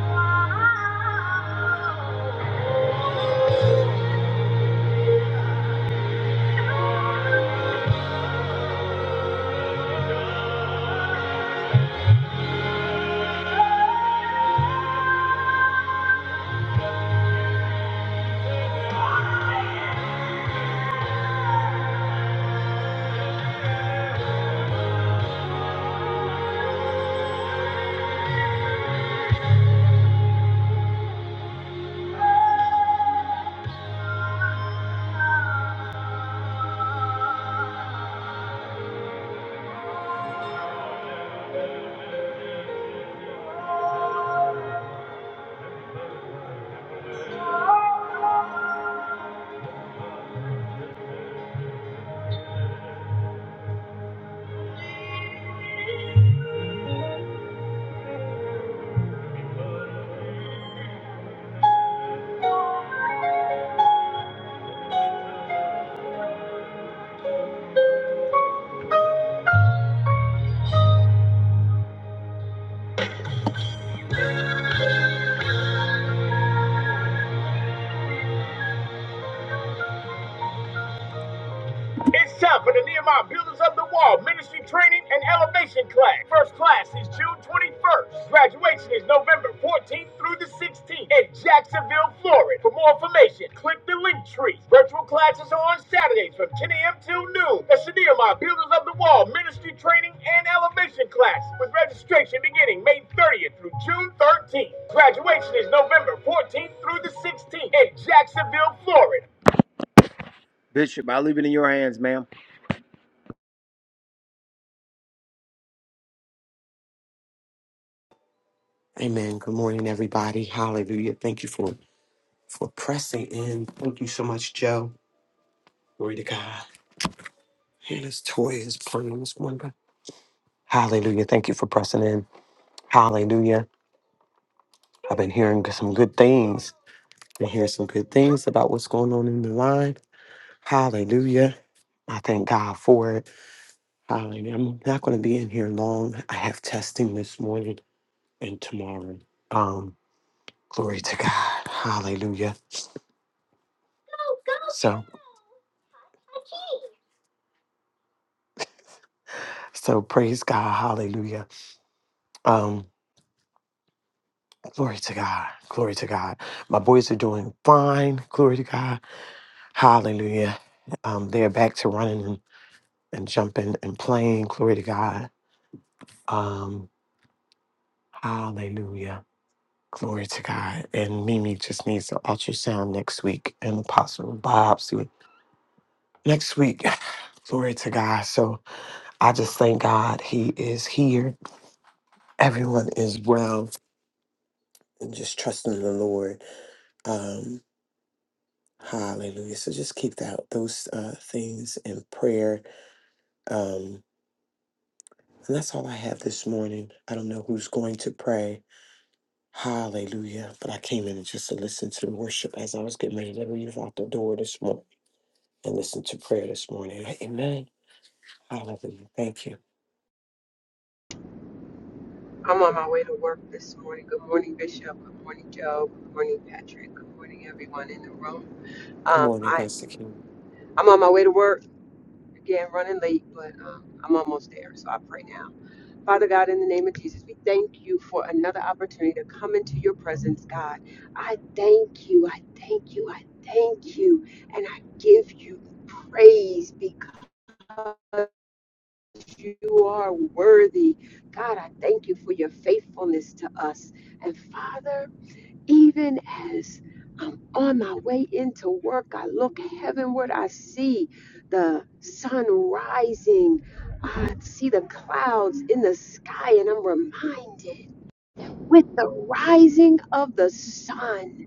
Wow. you. It's time for the Nehemiah Builders of the Wall Ministry Training and Elevation Class. First class is June 21st. Graduation is November 14th through the 16th in Jacksonville, Florida. For more information, click the link tree. Virtual classes are on Saturdays from 10 a.m. till noon. That's the Nehemiah Builders of the Wall Ministry Training and Elevation Class with registration beginning May 30th through June 13th. Graduation is November 14th through the 16th in Jacksonville, Florida.
Amen. Good morning, everybody. Hallelujah. Thank you for for pressing in. Thank you so much, Joe. Glory to God. And this toy is playing this one. but- Hallelujah. Thank you for pressing in. Hallelujah. I've been hearing some good things. I hearing some good things about what's going on in the line. Hallelujah. I thank God for it. Hallelujah. I'm not going to be in here long. I have testing this morning and tomorrow. Um, glory to God. Hallelujah. So So praise God. Hallelujah. Um, glory to God. Glory to God. My boys are doing fine. Glory to God. Hallelujah. Um, they're back to running and, and jumping and playing. Glory to God. Um, hallelujah. Glory to God. And Mimi just needs an ultrasound next week and a possible biopsy next week. Glory to God. So I just thank God He is here. Everyone is well and just trusting the Lord. Um, Hallelujah. So just keep that those uh, things in prayer. Um, and that's all I have this morning. I don't know who's going to pray. Hallelujah. But I came in just to listen to worship as I was getting ready to leave out the door this morning and listen to prayer this morning. Amen. Hallelujah. Thank you.
I'm on my way to work this morning. Good morning, Bishop. Good morning, Joe. Good morning, Patrick. Good morning, everyone in the room.
Good
Um,
morning,
I,
Pastor King.
I'm on my way to work. Again, running late, but um, I'm almost there, so I pray now. Father God, in the name of Jesus, we thank you for another opportunity to come into your presence, God. I thank you. I thank you. I thank you. And I give you praise because you are worthy. God, I thank you for your faithfulness to us. And Father, even as I'm on my way into work, I look heavenward, I see the sun rising, I see the clouds in the sky, and I'm reminded with the rising of the sun.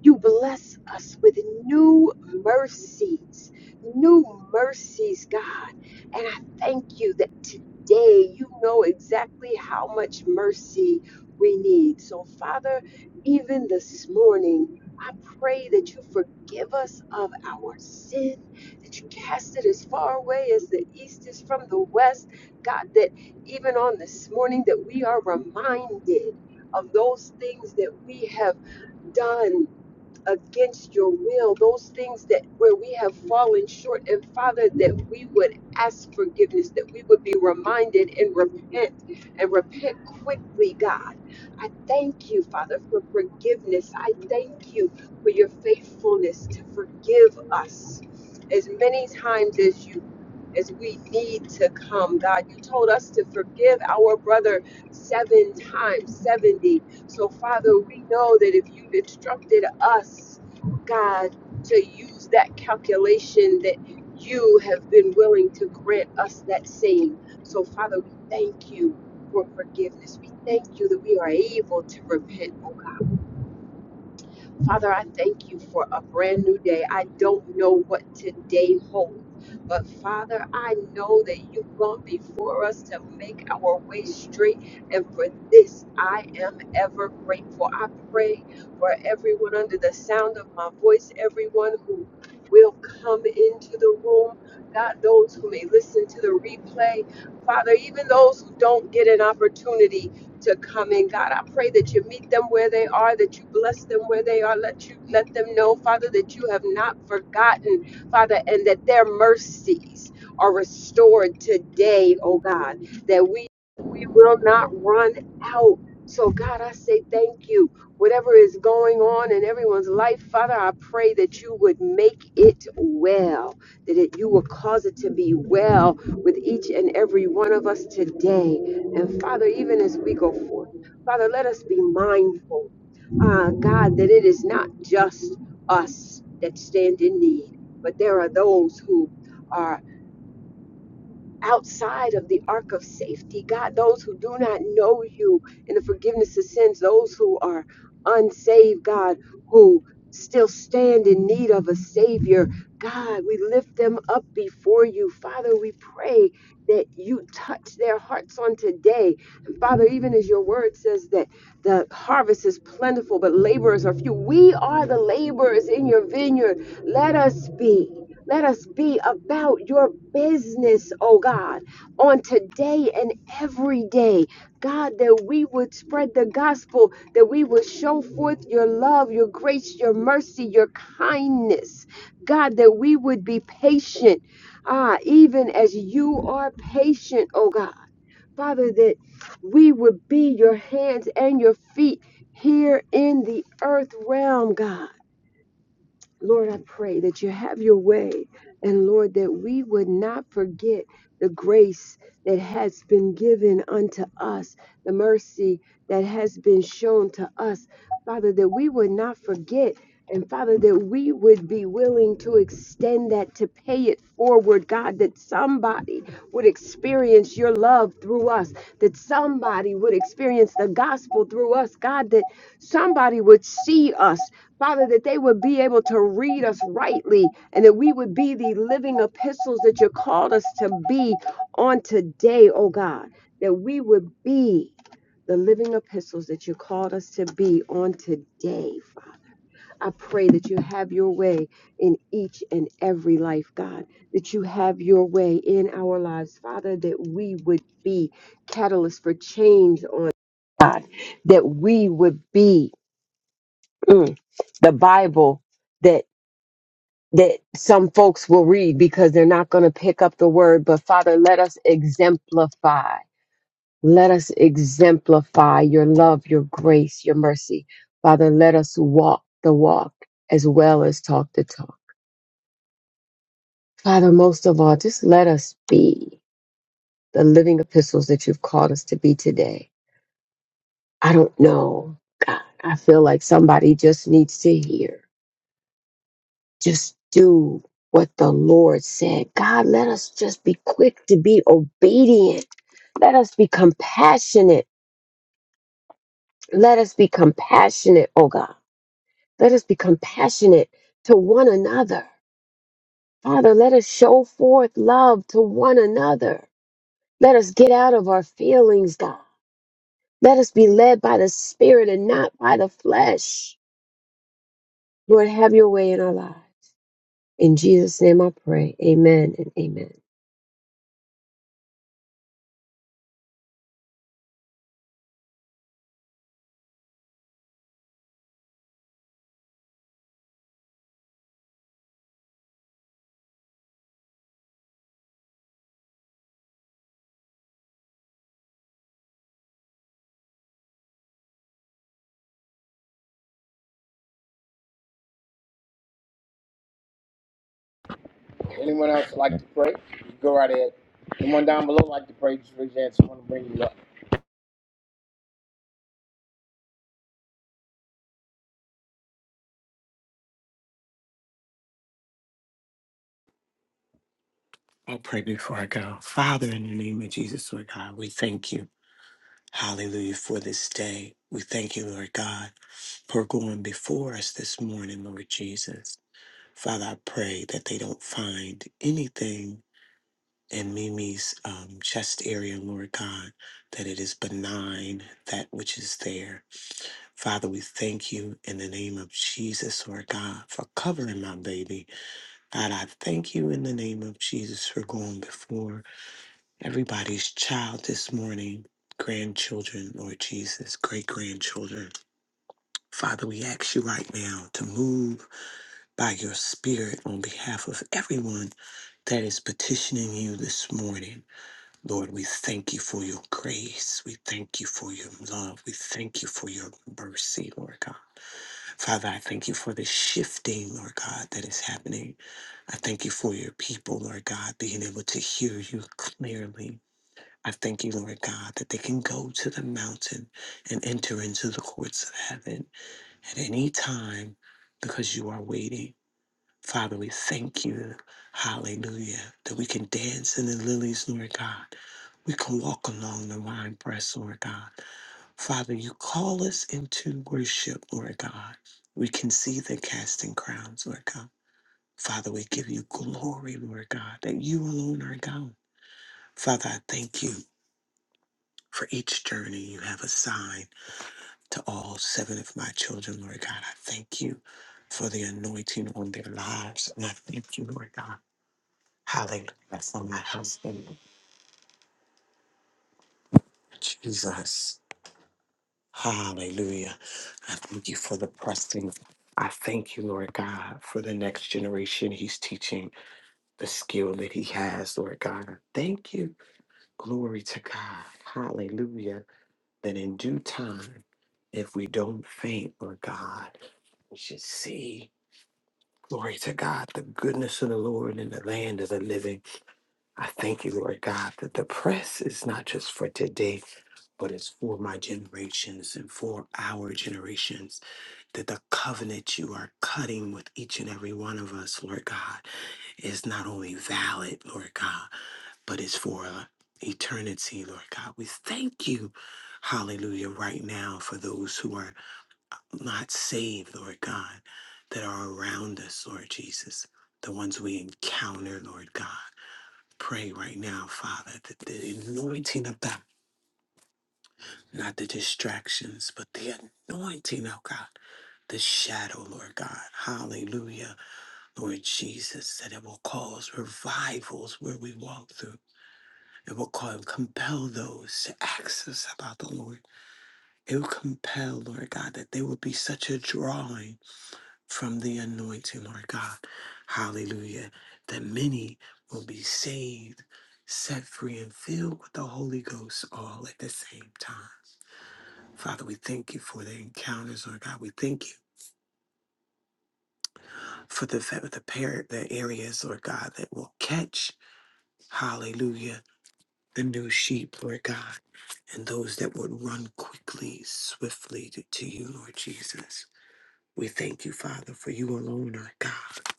You bless us with new mercies, new mercies, God. And I thank you that today you know exactly how much mercy we need. So, Father, even this morning, I pray that you forgive us of our sin, that you cast it as far away as the east is from the west. God, that even on this morning that we are reminded of those things that we have done against your will, those things that where we have fallen short, and Father, that we would ask forgiveness, that we would be reminded and repent and repent quickly, God. I thank you, Father, for forgiveness. I thank you for your faithfulness to forgive us as many times as you as we need to come, God. You told us to forgive our brother seven times, 70. So, Father, we know that if you instructed us, God, to use that calculation that you have been willing to grant us that same. So, Father, we thank you for forgiveness. We thank you that we are able to repent, Father, I thank you for a brand new day. I don't know what today holds, but Father, I know that you've gone before us to make our way straight, and for this I am ever grateful. I pray for everyone under the sound of my voice, everyone who will come into the room, God, those who may listen to the replay, Father, even those who don't get an opportunity to come in. God, I pray that you meet them where they are, that you bless them where they are. Let you let them know, Father, that you have not forgotten, Father, and that their mercies are restored today, oh God, that we we will not run out. So God, I say thank you. Whatever is going on in everyone's life, Father, I pray that you would make it well, that it, you will cause it to be well with each and every one of us today. And Father, even as we go forth, Father, let us be mindful, uh, God, that it is not just us that stand in need, but there are those who are outside of the ark of safety, God, those who do not know you in the forgiveness of sins, those who are unsaved, God, who still stand in need of a Savior, God, we lift them up before you. Father, we pray that you touch their hearts on today. And Father, even as your word says that the harvest is plentiful, but laborers are few, we are the laborers in your vineyard. Let us be. Let us be about your business, oh God, on today and every day. God, that we would spread the gospel, that we would show forth your love, your grace, your mercy, your kindness. God, that we would be patient, ah, even as you are patient, oh God. Father, that we would be your hands and your feet here in the earth realm, God. Lord, I pray that you have your way. And Lord, that we would not forget the grace that has been given unto us, the mercy that has been shown to us. Father, that we would not forget. And Father, that we would be willing to extend that, to pay it forward, God, that somebody would experience your love through us, that somebody would experience the gospel through us, God, that somebody would see us, Father, that they would be able to read us rightly, and that we would be the living epistles that you called us to be on today, oh God, that we would be the living epistles that you called us to be on today, I pray that you have your way in each and every life, God, that you have your way in our lives, Father, that we would be catalysts for change on God, that we would be mm, the Bible that that some folks will read because they're not going to pick up the word, but Father, let us exemplify. Let us exemplify your love, your grace, your mercy. Father, let us walk the walk as well as talk the talk. Father, most of all, just let us be the living epistles that you've called us to be today. I don't know, God. I feel like somebody just needs to hear. Just do what the Lord said. God, let us just be quick to be obedient. Let us be compassionate. Let us be compassionate, oh God. Let us be compassionate to one another. Father, let us show forth love to one another. Let us get out of our feelings, God. Let us be led by the Spirit and not by the flesh. Lord, have your way in our lives. In Jesus' name I pray. Amen and amen.
Anyone else like to pray? Go right ahead. Anyone down below like to pray? Just raise your hands. I want to bring you up.
I'll pray before I go. Father, in the name of Jesus, Lord God, we thank you. Hallelujah for this day. We thank you, Lord God, for going before us this morning, Lord Jesus. Father, I pray that they don't find anything in Mimi's um, chest area, Lord God, that it is benign, that which is there. Father, we thank you in the name of Jesus, Lord God, for covering my baby. God, I thank you in the name of Jesus for going before everybody's child this morning, grandchildren, Lord Jesus, great grandchildren. Father, we ask you right now to move by your spirit on behalf of everyone that is petitioning you this morning. Lord, we thank you for your grace. We thank you for your love. We thank you for your mercy, Lord God. Father, I thank you for the shifting, Lord God, that is happening. I thank you for your people, Lord God, being able to hear you clearly. I thank you, Lord God, that they can go to the mountain and enter into the courts of heaven at any time because you are waiting. Father, we thank you, hallelujah, that we can dance in the lilies, Lord God. We can walk along the wine press, Lord God. Father, you call us into worship, Lord God. We can see the casting crowns, Lord God. Father, we give you glory, Lord God, that you alone are God. Father, I thank you for each journey you have assigned to all seven of my children, Lord God. I thank you for the anointing on their lives. And I thank you, Lord God Hallelujah. For my husband, Jesus. Hallelujah. I thank you for the pressing. I thank you, Lord God, for the next generation. He's teaching the skill that he has, Lord God. I Thank you. Glory to God. Hallelujah. That in due time, if we don't faint, Lord God, we should see, glory to God, the goodness of the Lord in the land of the living. I thank you, Lord God, that the press is not just for today, but it's for my generations and for our generations that the covenant you are cutting with each and every one of us, Lord God, is not only valid, Lord God, but it's for uh, eternity, Lord God. We thank you, hallelujah, right now for those who are not saved, Lord God, that are around us, Lord Jesus, the ones we encounter, Lord God. Pray right now, Father, that the anointing of baptism not the distractions, but the anointing, oh God, the shadow, Lord God. Hallelujah, Lord Jesus, that it will cause revivals where we walk through. It will call, compel those to access about the Lord. It will compel, Lord God, that there will be such a drawing from the anointing, Lord God. Hallelujah, that many will be saved, set free, and filled with the Holy Ghost all at the same time. Father, we thank you for the encounters, Lord God. We thank you for the fa- the par- the areas, Lord God, that will catch, hallelujah, the new sheep, Lord God, and those that would run quickly, swiftly to, to you, Lord Jesus. We thank you, Father, for you alone Lord God.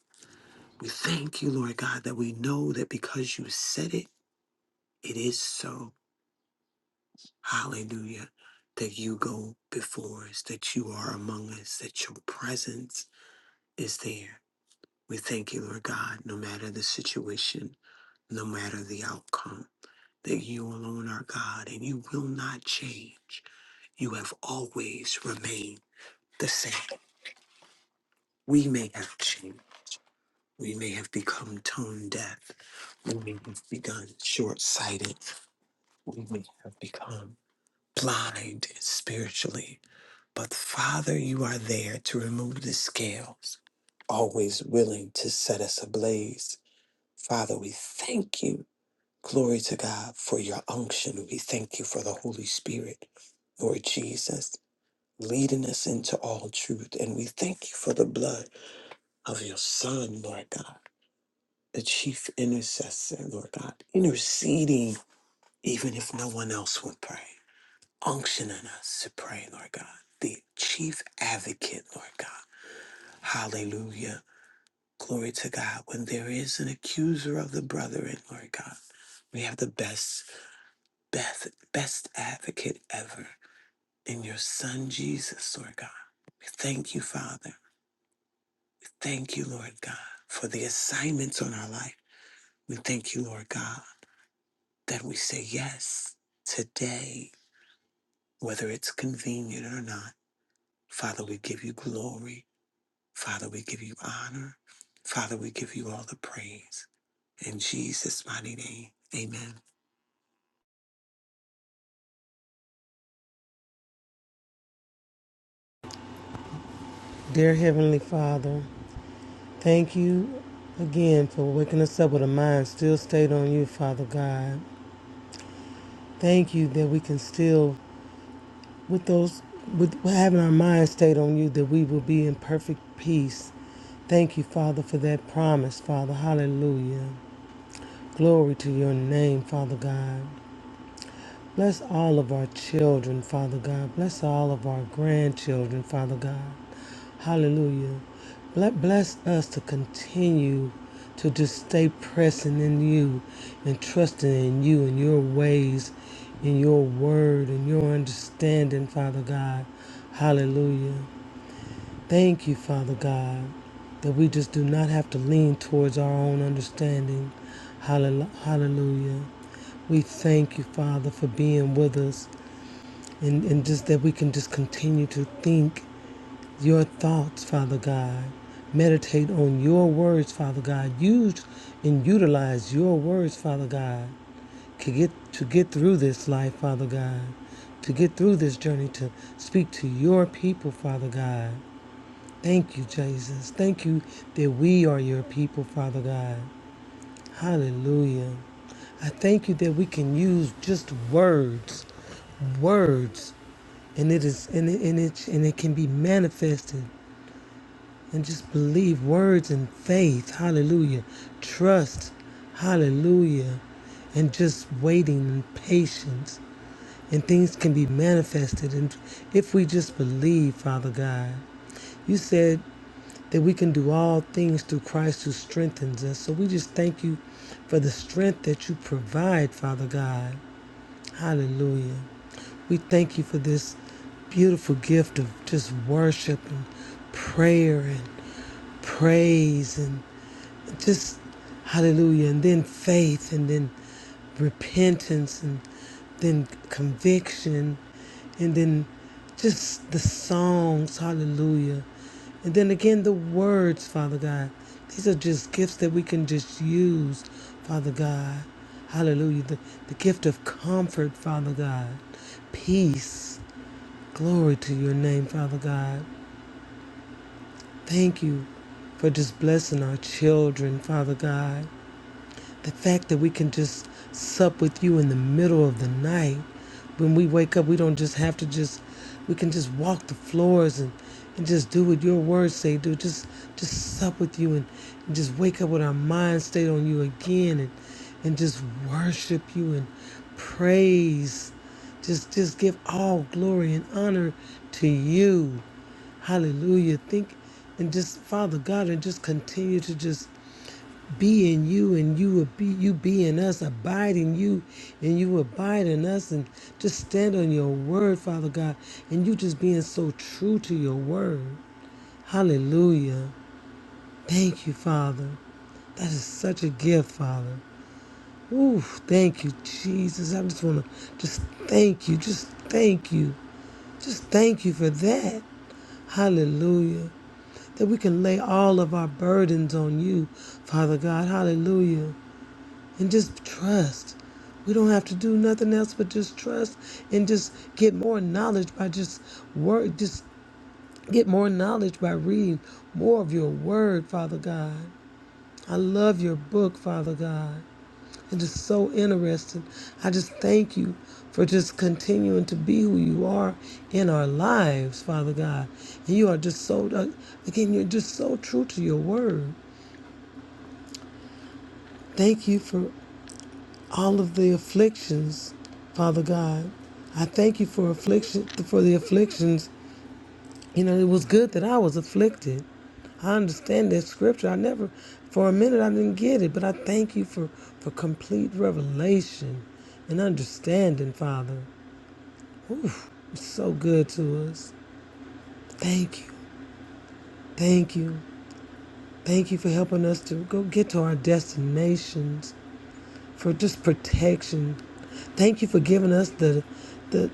We thank you, Lord God, that we know that because you said it, it is so. Hallelujah. That you go before us, that you are among us, that your presence is there. We thank you, Lord God, no matter the situation, no matter the outcome, that you alone are God and you will not change. You have always remained the same. We may have changed. We may have become tone deaf. We may have begun short sighted. We may have become blind spiritually. But Father, you are there to remove the scales, always willing to set us ablaze. Father, we thank you Glory to God for your unction. We thank you for the Holy Spirit, Lord Jesus, leading us into all truth. And we thank you for the blood of your Son, Lord God, the chief intercessor, Lord God, interceding even if no one else would pray, unctioning us to pray, Lord God, the chief advocate, Lord God. Hallelujah. Glory to God. When there is an accuser of the brethren, Lord God, we have the best best, best advocate ever in your son Jesus, Lord God. We thank you, Father. Thank you, Lord God, for the assignments on our life. We thank you, Lord God, that we say yes today, whether it's convenient or not. Father, we give you glory. Father, we give you honor. Father, we give you all the praise. In Jesus' mighty name, amen.
Dear Heavenly Father, thank you again for waking us up with a mind still stayed on you, Father God. Thank you that we can still, with those, with having our mind stayed on you, that we will be in perfect peace. Thank you, Father, for that promise, Father. Hallelujah. Glory to your name, Father God. Bless all of our children, Father God. Bless all of our grandchildren, Father God. Hallelujah. Ble- Bless us to continue to just stay pressing in you and trusting in you and your ways, in your word and your understanding, Father God. Hallelujah. Thank you, Father God, that we just do not have to lean towards our own understanding. Hallelujah. We thank you, Father, for being with us and, and just that we can just continue to think your thoughts, Father God. Meditate on your words, Father God. Use and utilize your words, Father God, to get, to get through this life, Father God, to get through this journey, to speak to your people, Father God. Thank you, Jesus. Thank you that we are your people, Father God. Hallelujah. I thank you that we can use just words, words, and it is and it, and it and it can be manifested. And just believe words and faith. Hallelujah. Trust. Hallelujah. And just waiting and patience. And things can be manifested. And if we just believe, Father God. You said that we can do all things through Christ who strengthens us. So we just thank you for the strength that you provide, Father God. Hallelujah. We thank you for this beautiful gift of just worship and prayer and praise and just hallelujah and then faith and then repentance and then conviction and then just the songs hallelujah and then again, the words, Father God. These are just gifts that we can just use, Father God. Hallelujah. The, the gift of comfort, Father God. Peace. Glory to your name, Father God. Thank you for just blessing our children, Father God. The fact that we can just sup with you in the middle of the night when we wake up, we don't just have to just we can just walk the floors and, and just do what your words say, do just just sup with you and, and just wake up with our mind stayed on you again and and just worship you and praise. Just just give all glory and honor to you. Hallelujah. Think and just Father God and just continue to just be in you and you would be you be in us abide in you and you abide in us and just stand on your word father god and you just being so true to your word hallelujah thank you father that is such a gift father Ooh, thank you jesus i just want to just thank you just thank you just thank you for that Hallelujah. That we can lay all of our burdens on you, Father God. Hallelujah. and just trust. We don't have to do nothing else but just trust and just get more knowledge by just work, just get more knowledge by reading more of your word, Father God. I love your book, Father God. It is so interesting. I just thank you for just continuing to be who you are in our lives, Father God. And you are just so, uh, again, you're just so true to your word. Thank you for all of the afflictions, Father God. I thank you for affliction for the afflictions. You know, it was good that I was afflicted. I understand that scripture. I never for a minute I didn't get it, but I thank you for for complete revelation and understanding, Father. Oof, it's so good to us. Thank you. Thank you. Thank you for helping us to go get to our destinations, for just protection. Thank you for giving us the, the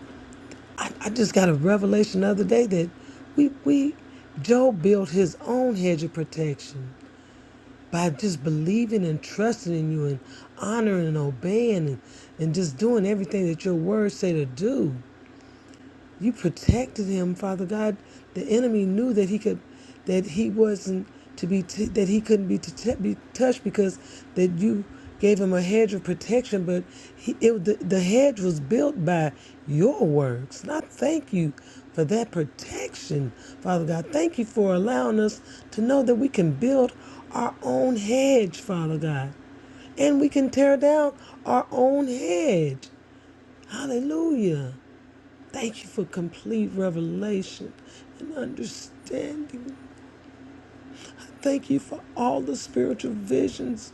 I, I just got a revelation the other day that we we Job built his own hedge of protection by just believing and trusting in you and honoring and obeying and, and just doing everything that your words say to do. You protected him, Father God. The enemy knew that he could, that he wasn't to be, t- that he couldn't be, t- be touched because that you gave him a hedge of protection. But he, it, the, the hedge was built by your works. And I thank you for that protection, Father God. Thank you for allowing us to know that we can build our own hedge, Father God, and we can tear down our own hedge. Hallelujah. Thank you for complete revelation and understanding. Thank you for all the spiritual visions,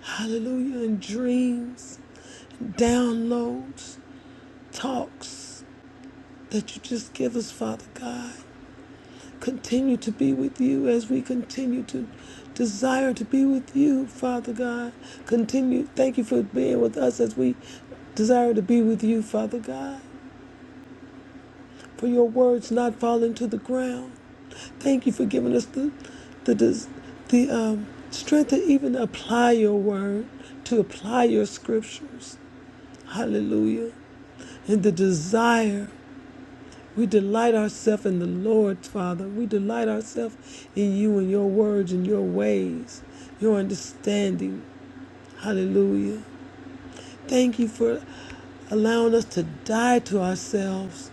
hallelujah, and dreams, and downloads, talks that you just give us, Father God. Continue to be with you as we continue to desire to be with you, Father God. Continue. Thank you for being with us as we desire to be with you, Father God. for your words not falling to the ground. Thank you for giving us the the des- the um, strength to even apply your word, to apply your scriptures. Hallelujah. And the desire. We delight ourselves in the Lord, Father. We delight ourselves in you and your words and your ways, your understanding. Hallelujah. Thank you for allowing us to die to ourselves.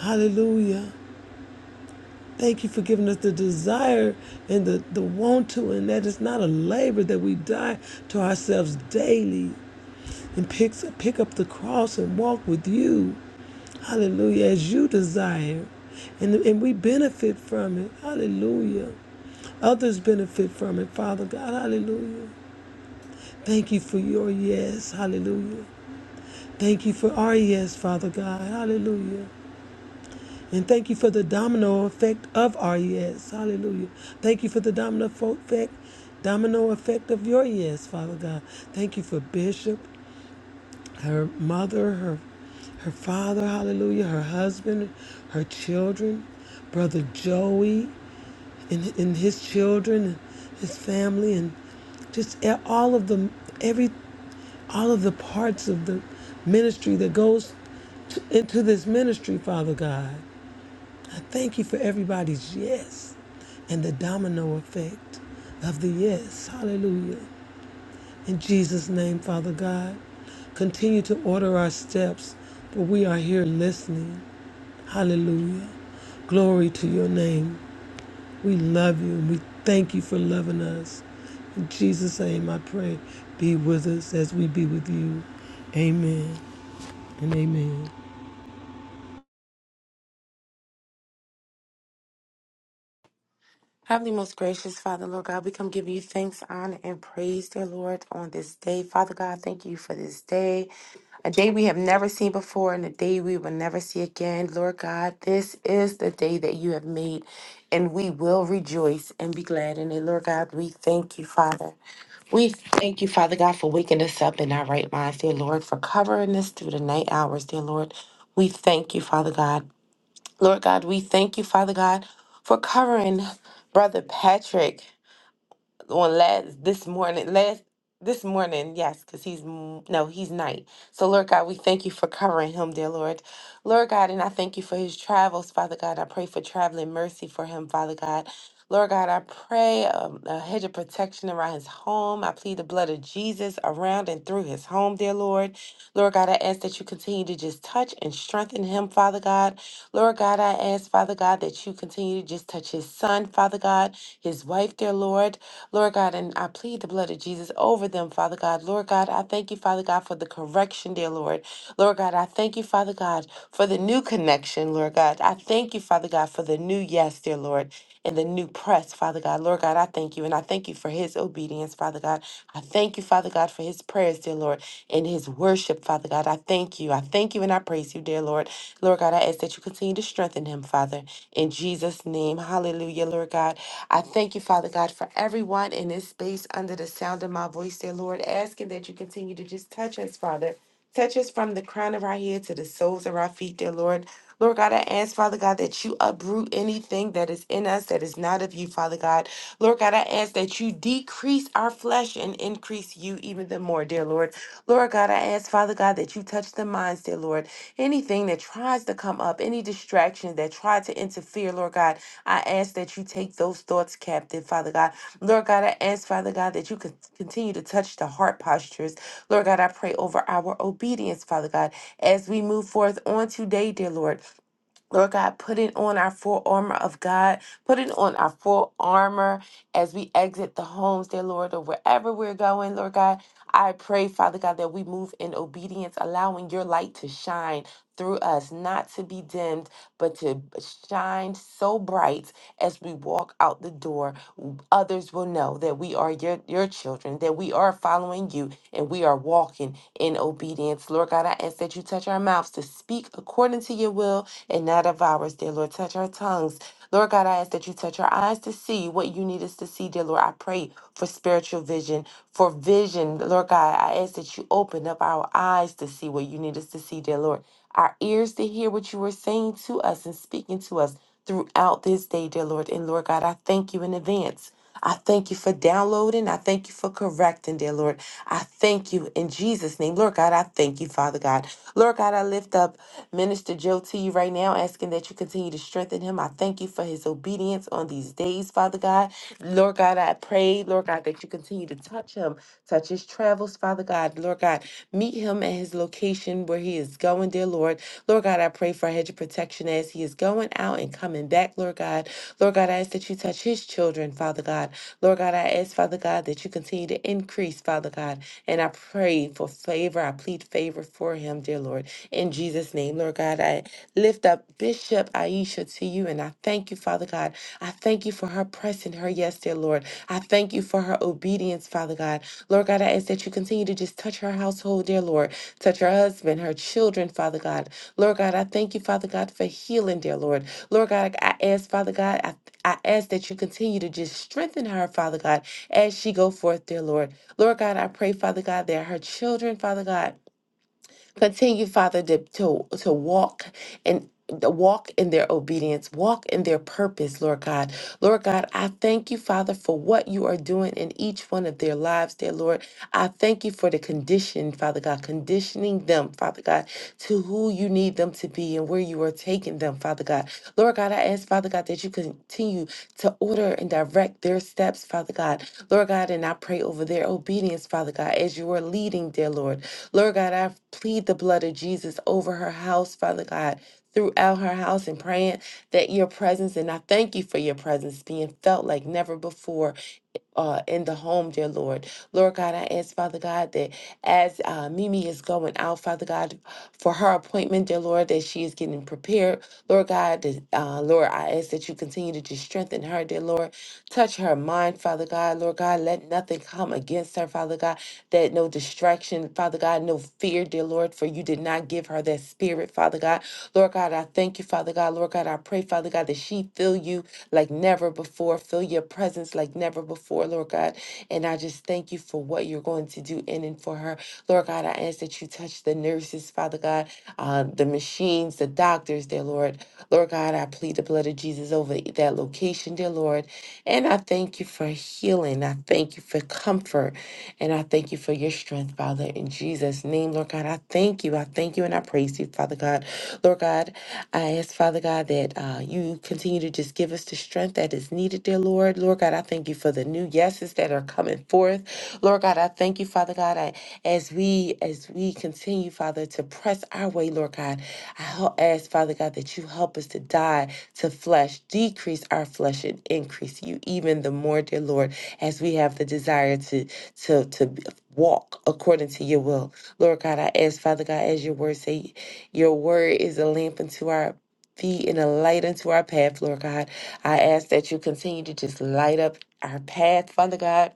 Hallelujah. Thank you for giving us the desire and the, the want to, and that it's not a labor that we die to ourselves daily and picks, pick up the cross and walk with you. Hallelujah, as you desire. And, and we benefit from it. Hallelujah. Others benefit from it, Father God. Hallelujah. Thank you for your yes. Hallelujah. Thank you for our yes, Father God. Hallelujah. And thank you for the domino effect of our yes. Hallelujah. Thank you for the domino effect, domino effect of your yes, Father God. Thank you for Bishop, her mother, her her father, hallelujah, her husband, her children, brother Joey, and, and his children, and his family, and just e- all of the every all of the parts of the ministry that goes to, into this ministry, Father God. I thank you for everybody's yes and the domino effect of the yes. Hallelujah. In Jesus' name, Father God, continue to order our steps, for we are here listening. Hallelujah. Glory to your name. We love you and we thank you for loving us. In Jesus' name, I pray, be with us as we be with you. Amen and amen.
Heavenly, most gracious Father, Lord God, we come give you thanks, honor, and praise, dear Lord, on this day. Father God, thank you for this day, a day we have never seen before and a day we will never see again. Lord God, this is the day that you have made, and we will rejoice and be glad in it. Lord God, we thank you, Father. We thank you, Father God, for waking us up in our right minds, dear Lord, for covering us through the night hours, dear Lord. We thank you, Father God. Lord God, we thank you, Father God, for covering Brother Patrick on last this morning last this morning yes because he's m- no he's night so lord god we thank you for covering him dear lord lord god and i thank you for his travels father god i pray for traveling mercy for him father god Lord God, I pray um, a hedge of protection around his home. I plead the blood of Jesus around and through his home, dear Lord. Lord God, I ask that you continue to just touch and strengthen him, Father God. Lord God, I ask, Father God, that you continue to just touch his son, Father God, his wife, dear Lord. Lord God, and I plead the blood of Jesus over them, Father God. Lord God, I thank you, Father God, for the correction, dear Lord. Lord God, I thank you, Father God, for the new connection, Lord God. I thank you, Father God, for the new yes, dear Lord, and the new press, Father God. Lord God, I thank you, and I thank you for his obedience, Father God. I thank you, Father God, for his prayers, dear Lord, and his worship, Father God. I thank you. I thank you, and I praise you, dear Lord. Lord God, I ask that you continue to strengthen him, Father, in Jesus' name. Hallelujah, Lord God. I thank you, Father God, for everyone in this space under the sound of my voice, dear Lord, asking that you continue to just touch us, Father. Touch us from the crown of our head to the soles of our feet, dear Lord. Lord God, I ask, Father God, that you uproot anything that is in us that is not of you, Father God. Lord God, I ask that you decrease our flesh and increase you even the more, dear Lord. Lord God, I ask, Father God, that you touch the minds, dear Lord. Anything that tries to come up, any distraction that try to interfere, Lord God, I ask that you take those thoughts captive, Father God. Lord God, I ask, Father God, that you could continue to touch the heart postures. Lord God, I pray over our obedience, Father God, as we move forth on today, dear Lord. Lord God, put it on our full armor of God. Put it on our full armor as we exit the homes, dear Lord, or wherever we're going, Lord God. I pray, Father God, that we move in obedience, allowing your light to shine through us, not to be dimmed, but to shine so bright as we walk out the door. Others will know that we are your, your children, that we are following you, and we are walking in obedience. Lord God, I ask that you touch our mouths to speak according to your will and not of ours, dear Lord. Touch our tongues. Lord God, I ask that you touch our eyes to see what you need us to see, dear Lord. I pray for spiritual vision, for vision. Lord God, I ask that you open up our eyes to see what you need us to see, dear Lord. Our ears to hear what you are saying to us and speaking to us throughout this day, dear Lord. And Lord God, I thank you in advance. I thank you for downloading. I thank you for correcting, dear Lord. I thank you in Jesus' name. Lord God, I thank you, Father God. Lord God, I lift up Minister Joe to you right now, asking that you continue to strengthen him. I thank you for his obedience on these days, Father God. Lord God, I pray, Lord God, that you continue to touch him, touch his travels, Father God. Lord God, meet him at his location where he is going, dear Lord. Lord God, I pray for a hedge of protection as he is going out and coming back, Lord God. Lord God, I ask that you touch his children, Father God. Lord God, I ask, Father God, that you continue to increase, Father God. And I pray for favor. I plead favor for him, dear Lord. In Jesus' name, Lord God, I lift up Bishop Aisha to you and I thank you, Father God, I thank you for her pressing her yes, dear Lord. I thank you for her obedience, Father God. Lord God, I ask that you continue to just touch her household, dear Lord. Touch her husband, her children, Father God. Lord God, I thank you, Father God, for healing, dear Lord. Lord God, I I ask, Father God, I, I ask that you continue to just strengthen her, Father God, as she go forth, dear Lord. Lord God, I pray, Father God, that her children, Father God, Continue, Father, to, to, to walk and walk in their obedience, walk in their purpose, Lord God. Lord God, I thank you, Father, for what you are doing in each one of their lives, dear Lord. I thank you for the condition, Father God, conditioning them, Father God, to who you need them to be and where you are taking them, Father God. Lord God, I ask, Father God, that you continue to order and direct their steps, Father God. Lord God, and I pray over their obedience, Father God, as you are leading, dear Lord. Lord God, I plead the blood of Jesus over her house, Father God, throughout her house and praying that your presence, and I thank you for your presence being felt like never before uh, in the home, dear Lord. Lord God, I ask, Father God, that as uh, Mimi is going out, Father God, for her appointment, dear Lord, that she is getting prepared. Lord God, that, uh, Lord, I ask that you continue to just strengthen her, dear Lord. Touch her mind, Father God. Lord God, let nothing come against her, Father God, that no distraction, Father God, no fear, dear Lord, for you did not give her that spirit, Father God. Lord God, I thank you, Father God. Lord God, I pray, Father God, that she feel you like never before, feel your presence like never before, Lord God. And I just thank you for what you're going to do in and for her. Lord God, I ask that you that you touch the nurses, Father God, uh, the machines, the doctors, dear Lord. Lord God, I plead the blood of Jesus over that location, dear Lord. And I thank you for healing. I thank you for comfort. And I thank you for your strength, Father, in Jesus' name, Lord God. I thank you. I thank you and I praise you, Father God. Lord God, I ask, Father God, that uh, you continue to just give us the strength that is needed, dear Lord. Lord God, I thank you for the new yeses that are coming forth. Lord God, I thank you, Father God as we as we continue, Father, to press our way, Lord God. I help, ask, Father God, that you help us to die to flesh, decrease our flesh, and increase you even the more, dear Lord, as we have the desire to to to b- walk according to your will. Lord God, I ask, Father God, as your word say, your word is a lamp unto our feet and a light unto our path, Lord God. I ask that you continue to just light up our path, Father God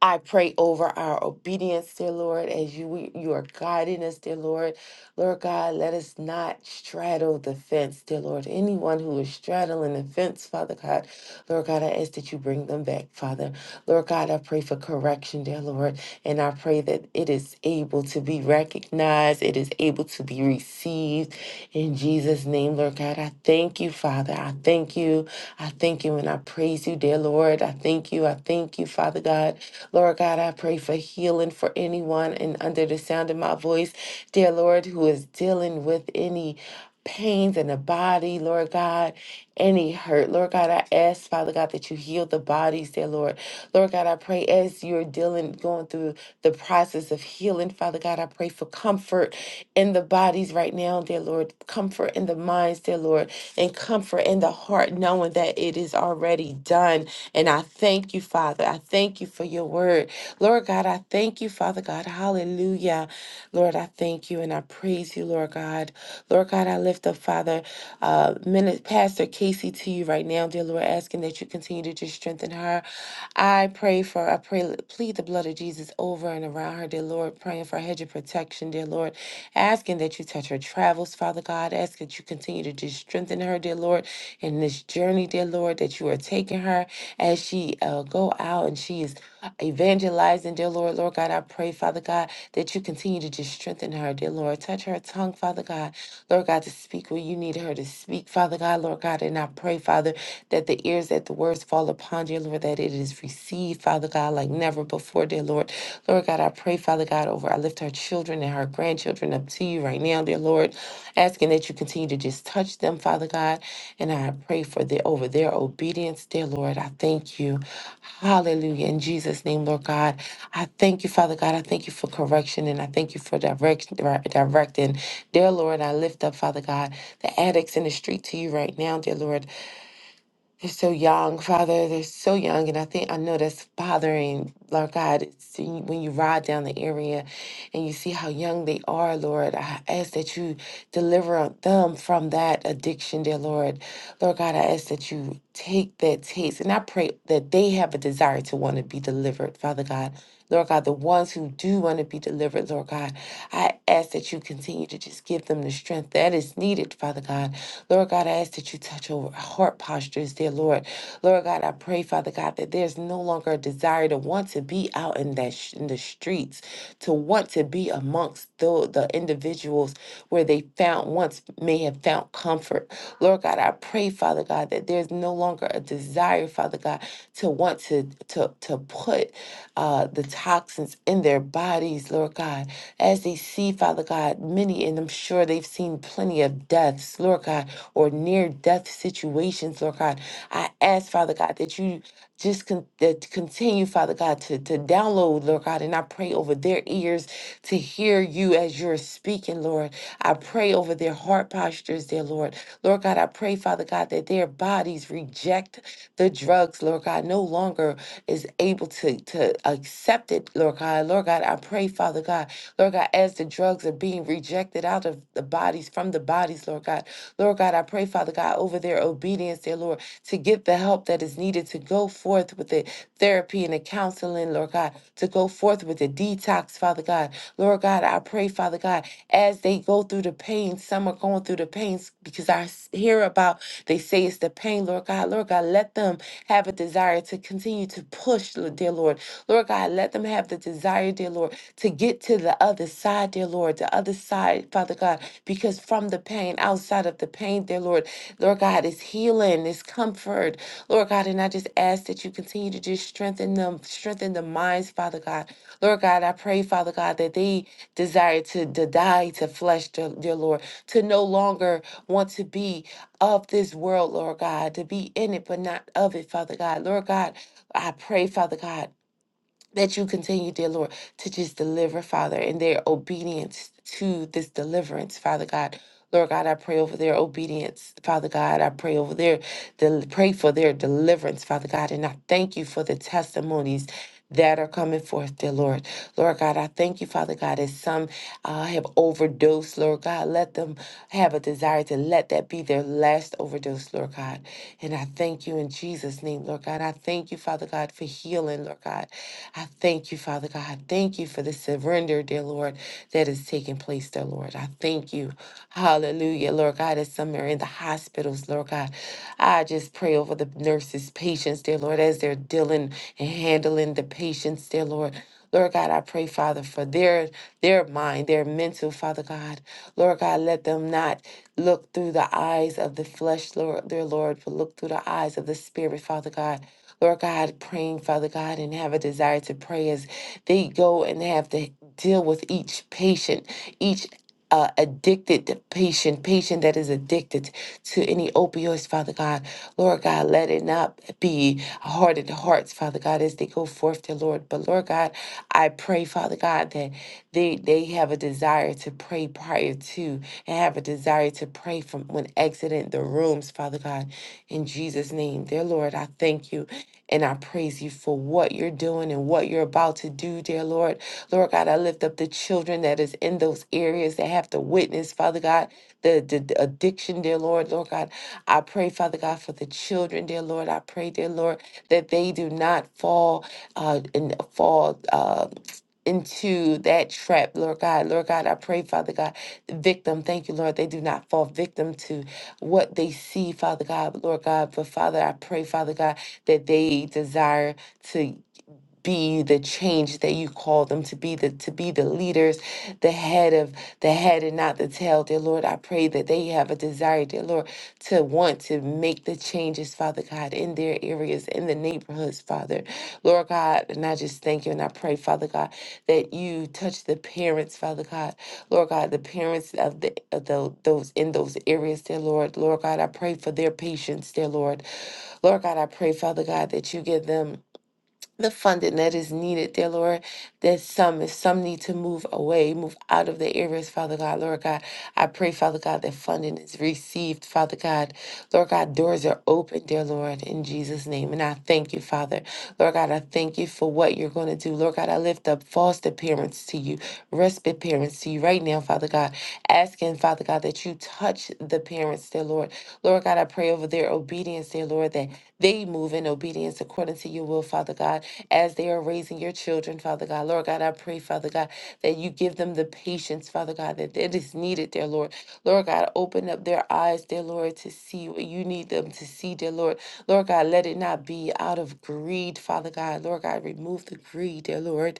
I pray over our obedience, dear Lord, as you we- you are guiding us, dear Lord. Lord God, let us not straddle the fence, dear Lord. Anyone who is straddling the fence, Father God, Lord God, I ask that you bring them back, Father. Lord God, I pray for correction, dear Lord, and I pray that it is able to be recognized, it is able to be received, in Jesus' name, Lord God, I thank you, Father. I thank you. I thank you and I praise you, dear Lord. I thank you. I thank you, Father God. Lord God, I pray for healing for anyone and under the sound of my voice, dear Lord, who is dealing with any pains in the body, Lord God, any hurt. Lord God, I ask, Father God, that you heal the bodies there, Lord. Lord God, I pray as you're dealing, going through the process of healing, Father God, I pray for comfort in the bodies right now, dear Lord, comfort in the minds, dear Lord, and comfort in the heart, knowing that it is already done. And I thank you, Father. I thank you for your word. Lord. Lord God, I thank you, Father God. Hallelujah. Lord, I thank you and I praise you, Lord God. Lord God, I lift up, Father, uh, Min- Pastor Casey to you right now, dear Lord, asking that you continue to just strengthen her. I pray for, I pray, plead the blood of Jesus over and around her, dear Lord, praying for a hedge of protection, dear Lord, asking that you touch her travels, Father God, ask that you continue to just strengthen her, dear Lord, in this journey, dear Lord, that you are taking her as she uh, go out and she is evangelizing, dear Lord, Lord God, I pray, Father God, that you continue to just strengthen her, dear Lord. Touch her tongue, Father God, Lord God, to speak where you need her to speak, Father God, Lord God. And I pray, Father, that the ears that the words fall upon, dear Lord, that it is received, Father God, like never before, dear Lord. Lord God, I pray, Father God, over. I lift her children and her grandchildren up up to you right now, dear Lord, asking that you continue to just touch them, Father God. And I pray for the over their obedience, dear Lord. I thank you. Hallelujah. In Jesus' name, Lord God. I thank you, Father God. I thank you for correction and I thank you for direction dire- directing. Dear Lord, I lift up, Father God, the addicts in the street to you right now, dear Lord. They're so young, Father. They're so young. And I think I know that's bothering, Lord God. It's when you ride down the area and you see how young they are, Lord, I ask that you deliver them from that addiction, dear Lord. Lord God, I ask that you take that taste. And I pray that they have a desire to want to be delivered, Father God. Lord God, the ones who do want to be delivered, Lord God, I ask that you continue to just give them the strength that is needed, Father God. Lord God, I ask that you touch over heart postures, dear Lord. Lord God, I pray, Father God, that there's no longer a desire to want to be out in that sh- in the streets, to want to be amongst the, the individuals where they found once may have found comfort. Lord God, I pray, Father God, that there's no longer a desire, Father God, to want to to to put uh, the toxins in their bodies, Lord God, as they see, Father God, many, and I'm sure they've seen plenty of deaths, Lord God, or near death situations, Lord God. I ask, Father God, that you just con- that continue, Father God, to, to download, Lord God, and I pray over their ears to hear you as you're speaking, Lord. I pray over their heart postures, dear Lord. Lord God, I pray, Father God, that their bodies reject the drugs, Lord God, no longer is able to, to accept it, Lord God. Lord God, I pray, Father God, Lord God, as the drugs are being rejected out of the bodies, from the bodies, Lord God. Lord God, I pray, Father God, over their obedience, dear Lord, to get the help that is needed to go forth with the therapy and the counseling, Lord God, to go forth with the detox, Father God. Lord God, I pray, Father God, as they go through the pain, some are going through the pains because I s- hear about, they say it's the pain, Lord God. Lord God, let them have a desire to continue to push, Lord- dear Lord. Lord God, let them have the desire, dear Lord, to get to the other side, dear Lord, the other side, Father God, because from the pain, outside of the pain, dear Lord, Lord God, is healing, is comfort, Lord God. And I just ask that you continue to just strengthen them, strengthen the minds, Father God. Lord God, I pray, Father God, that they desire to, to die to flesh, dear, dear Lord, to no longer want to be of this world, Lord God, to be in it, but not of it, Father God. Lord God, I pray, Father God that you continue, dear Lord, to just deliver, Father, in their obedience to this deliverance, Father God. Lord God, I pray over their obedience, Father God. I pray over their, del- pray for their deliverance, Father God. And I thank you for the testimonies that are coming forth, dear Lord. Lord God, I thank you, Father God, as some uh, have overdosed, Lord God. Let them have a desire to let that be their last overdose, Lord God. And I thank you in Jesus' name, Lord God. I thank you, Father God, for healing, Lord God. I thank you, Father God. I thank you for the surrender, dear Lord, that is taking place, dear Lord. I thank you. Hallelujah, Lord God, as some are in the hospitals, Lord God. I just pray over the nurses' patients, dear Lord, as they're dealing and handling the patients, dear Lord. Lord God, I pray, Father, for their their mind, their mental, Father God. Lord God, let them not look through the eyes of the flesh, Lord, their Lord, but look through the eyes of the Spirit, Father God. Lord God, praying, Father God, and have a desire to pray as they go and have to deal with each patient, each uh, addicted patient, patient that is addicted to any opioids, Father God. Lord God, let it not be hardened hearts, Father God, as they go forth to Lord. But Lord God, I pray, Father God, that they they have a desire to pray prior to and have a desire to pray from when exiting the rooms, Father God. In Jesus' name, dear Lord, I thank you and I praise you for what you're doing and what you're about to do, dear Lord. Lord God, I lift up the children that is in those areas that have to witness, Father God, the, the, the addiction, dear Lord. Lord God, I pray, Father God, for the children, dear Lord. I pray, dear Lord, that they do not fall uh, and fall uh, into that trap, Lord God. Lord God, I pray, Father God, victim. Thank you, Lord. They do not fall victim to what they see, Father God, Lord God. But Father, I pray, Father God, that they desire to be the change that you call them to be the to be the leaders the head of the head and not the tail dear lord i pray that they have a desire dear lord to want to make the changes father god in their areas in the neighborhoods father lord god and i just thank you and i pray father god that you touch the parents father god lord god the parents of the of the, those in those areas dear lord lord god i pray for their patience dear lord lord god i pray father god that you give them the funding that is needed, dear Lord, that some, if some need to move away, move out of the areas, Father God, Lord God, I pray, Father God, that funding is received, Father God. Lord God, doors are open, dear Lord, in Jesus' name. And I thank you, Father. Lord God, I thank you for what you're going to do. Lord God, I lift up foster parents to you, respite parents to you right now, Father God, asking, Father God, that you touch the parents, dear Lord. Lord God, I pray over their obedience, dear Lord, that they move in obedience according to your will, Father God, as they are raising your children, Father God. Lord God, I pray, Father God, that you give them the patience, Father God, that it is needed, dear Lord. Lord God, open up their eyes, dear Lord, to see what you need them to see, dear Lord. Lord God, let it not be out of greed, Father God. Lord God, remove the greed, dear Lord.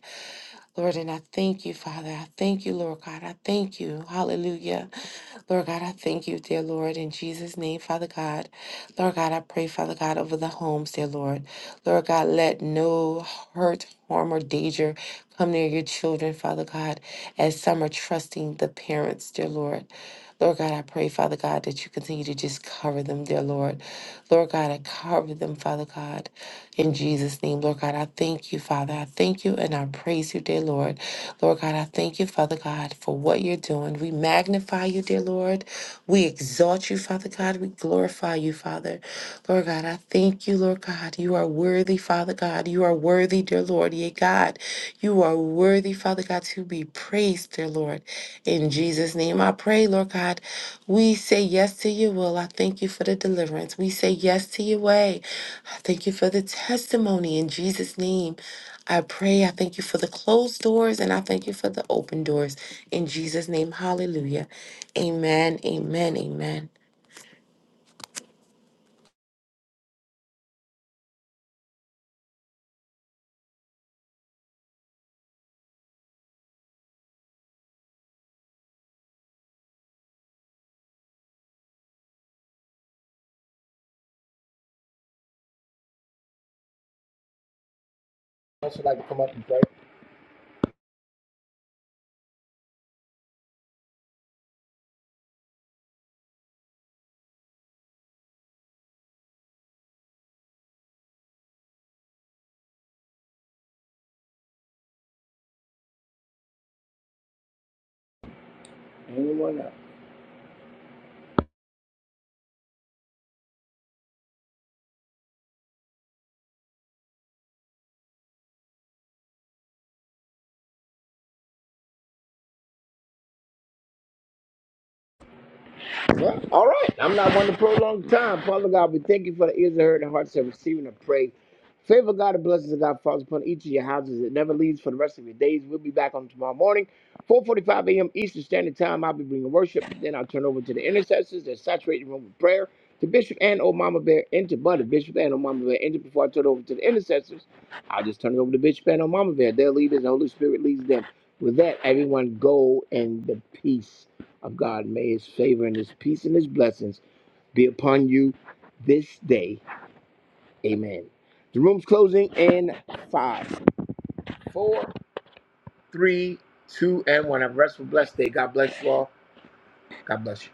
Lord, and I thank you, Father. I thank you, Lord God. I thank you. Hallelujah. Lord God, I thank you, dear Lord, in Jesus' name, Father God. Lord God, I pray, Father God, over the homes, dear Lord. Lord God, let no hurt, harm, or danger come near your children, Father God, as some are trusting the parents, dear Lord. Lord God, I pray, Father God, that you continue to just cover them, dear Lord. Lord God, I cover them, Father God, in Jesus' name. Lord God, I thank you, Father. I thank you and I praise you, dear Lord. Lord God, I thank you, Father God, for what you're doing. We magnify you, dear Lord. We exalt you, Father God. We glorify you, Father. Lord God, I thank you, Lord God. You are worthy, Father God. You are worthy, dear Lord. Yea, God, you are worthy, Father God, to be praised, dear Lord. In Jesus' name I pray, Lord God. We say yes to your will. I thank you for the deliverance. We say yes to your way. I thank you for the testimony. In Jesus' name I pray. I thank you for the closed doors and I thank you for the open doors. In Jesus' name, hallelujah. Amen, amen, amen.
Anyone else? Well, all right. I'm not one to prolong the time. Father God, we thank you for the ears that heard and hearts that receiving and pray. Favor God and blessings of God falls upon each of your houses. It never leaves for the rest of your days. We'll be back on tomorrow morning, 4:45 a.m. Eastern Standard Time. I'll be bringing worship. Then I'll turn over to the intercessors that saturate the room with prayer. To Bishop and old Mama Bear, and to Buddy Bishop and old Mama Bear, and to- before I turn it over to the intercessors, I'll just turn it over to Bishop and old Mama Bear. Their leaders, the Holy Spirit leads them. With that, everyone go in the peace of God. May his favor and his peace and his blessings be upon you this day. Amen. The room's closing in five, four, three, two, and one. Have a restful, blessed day. God bless you all. God bless you.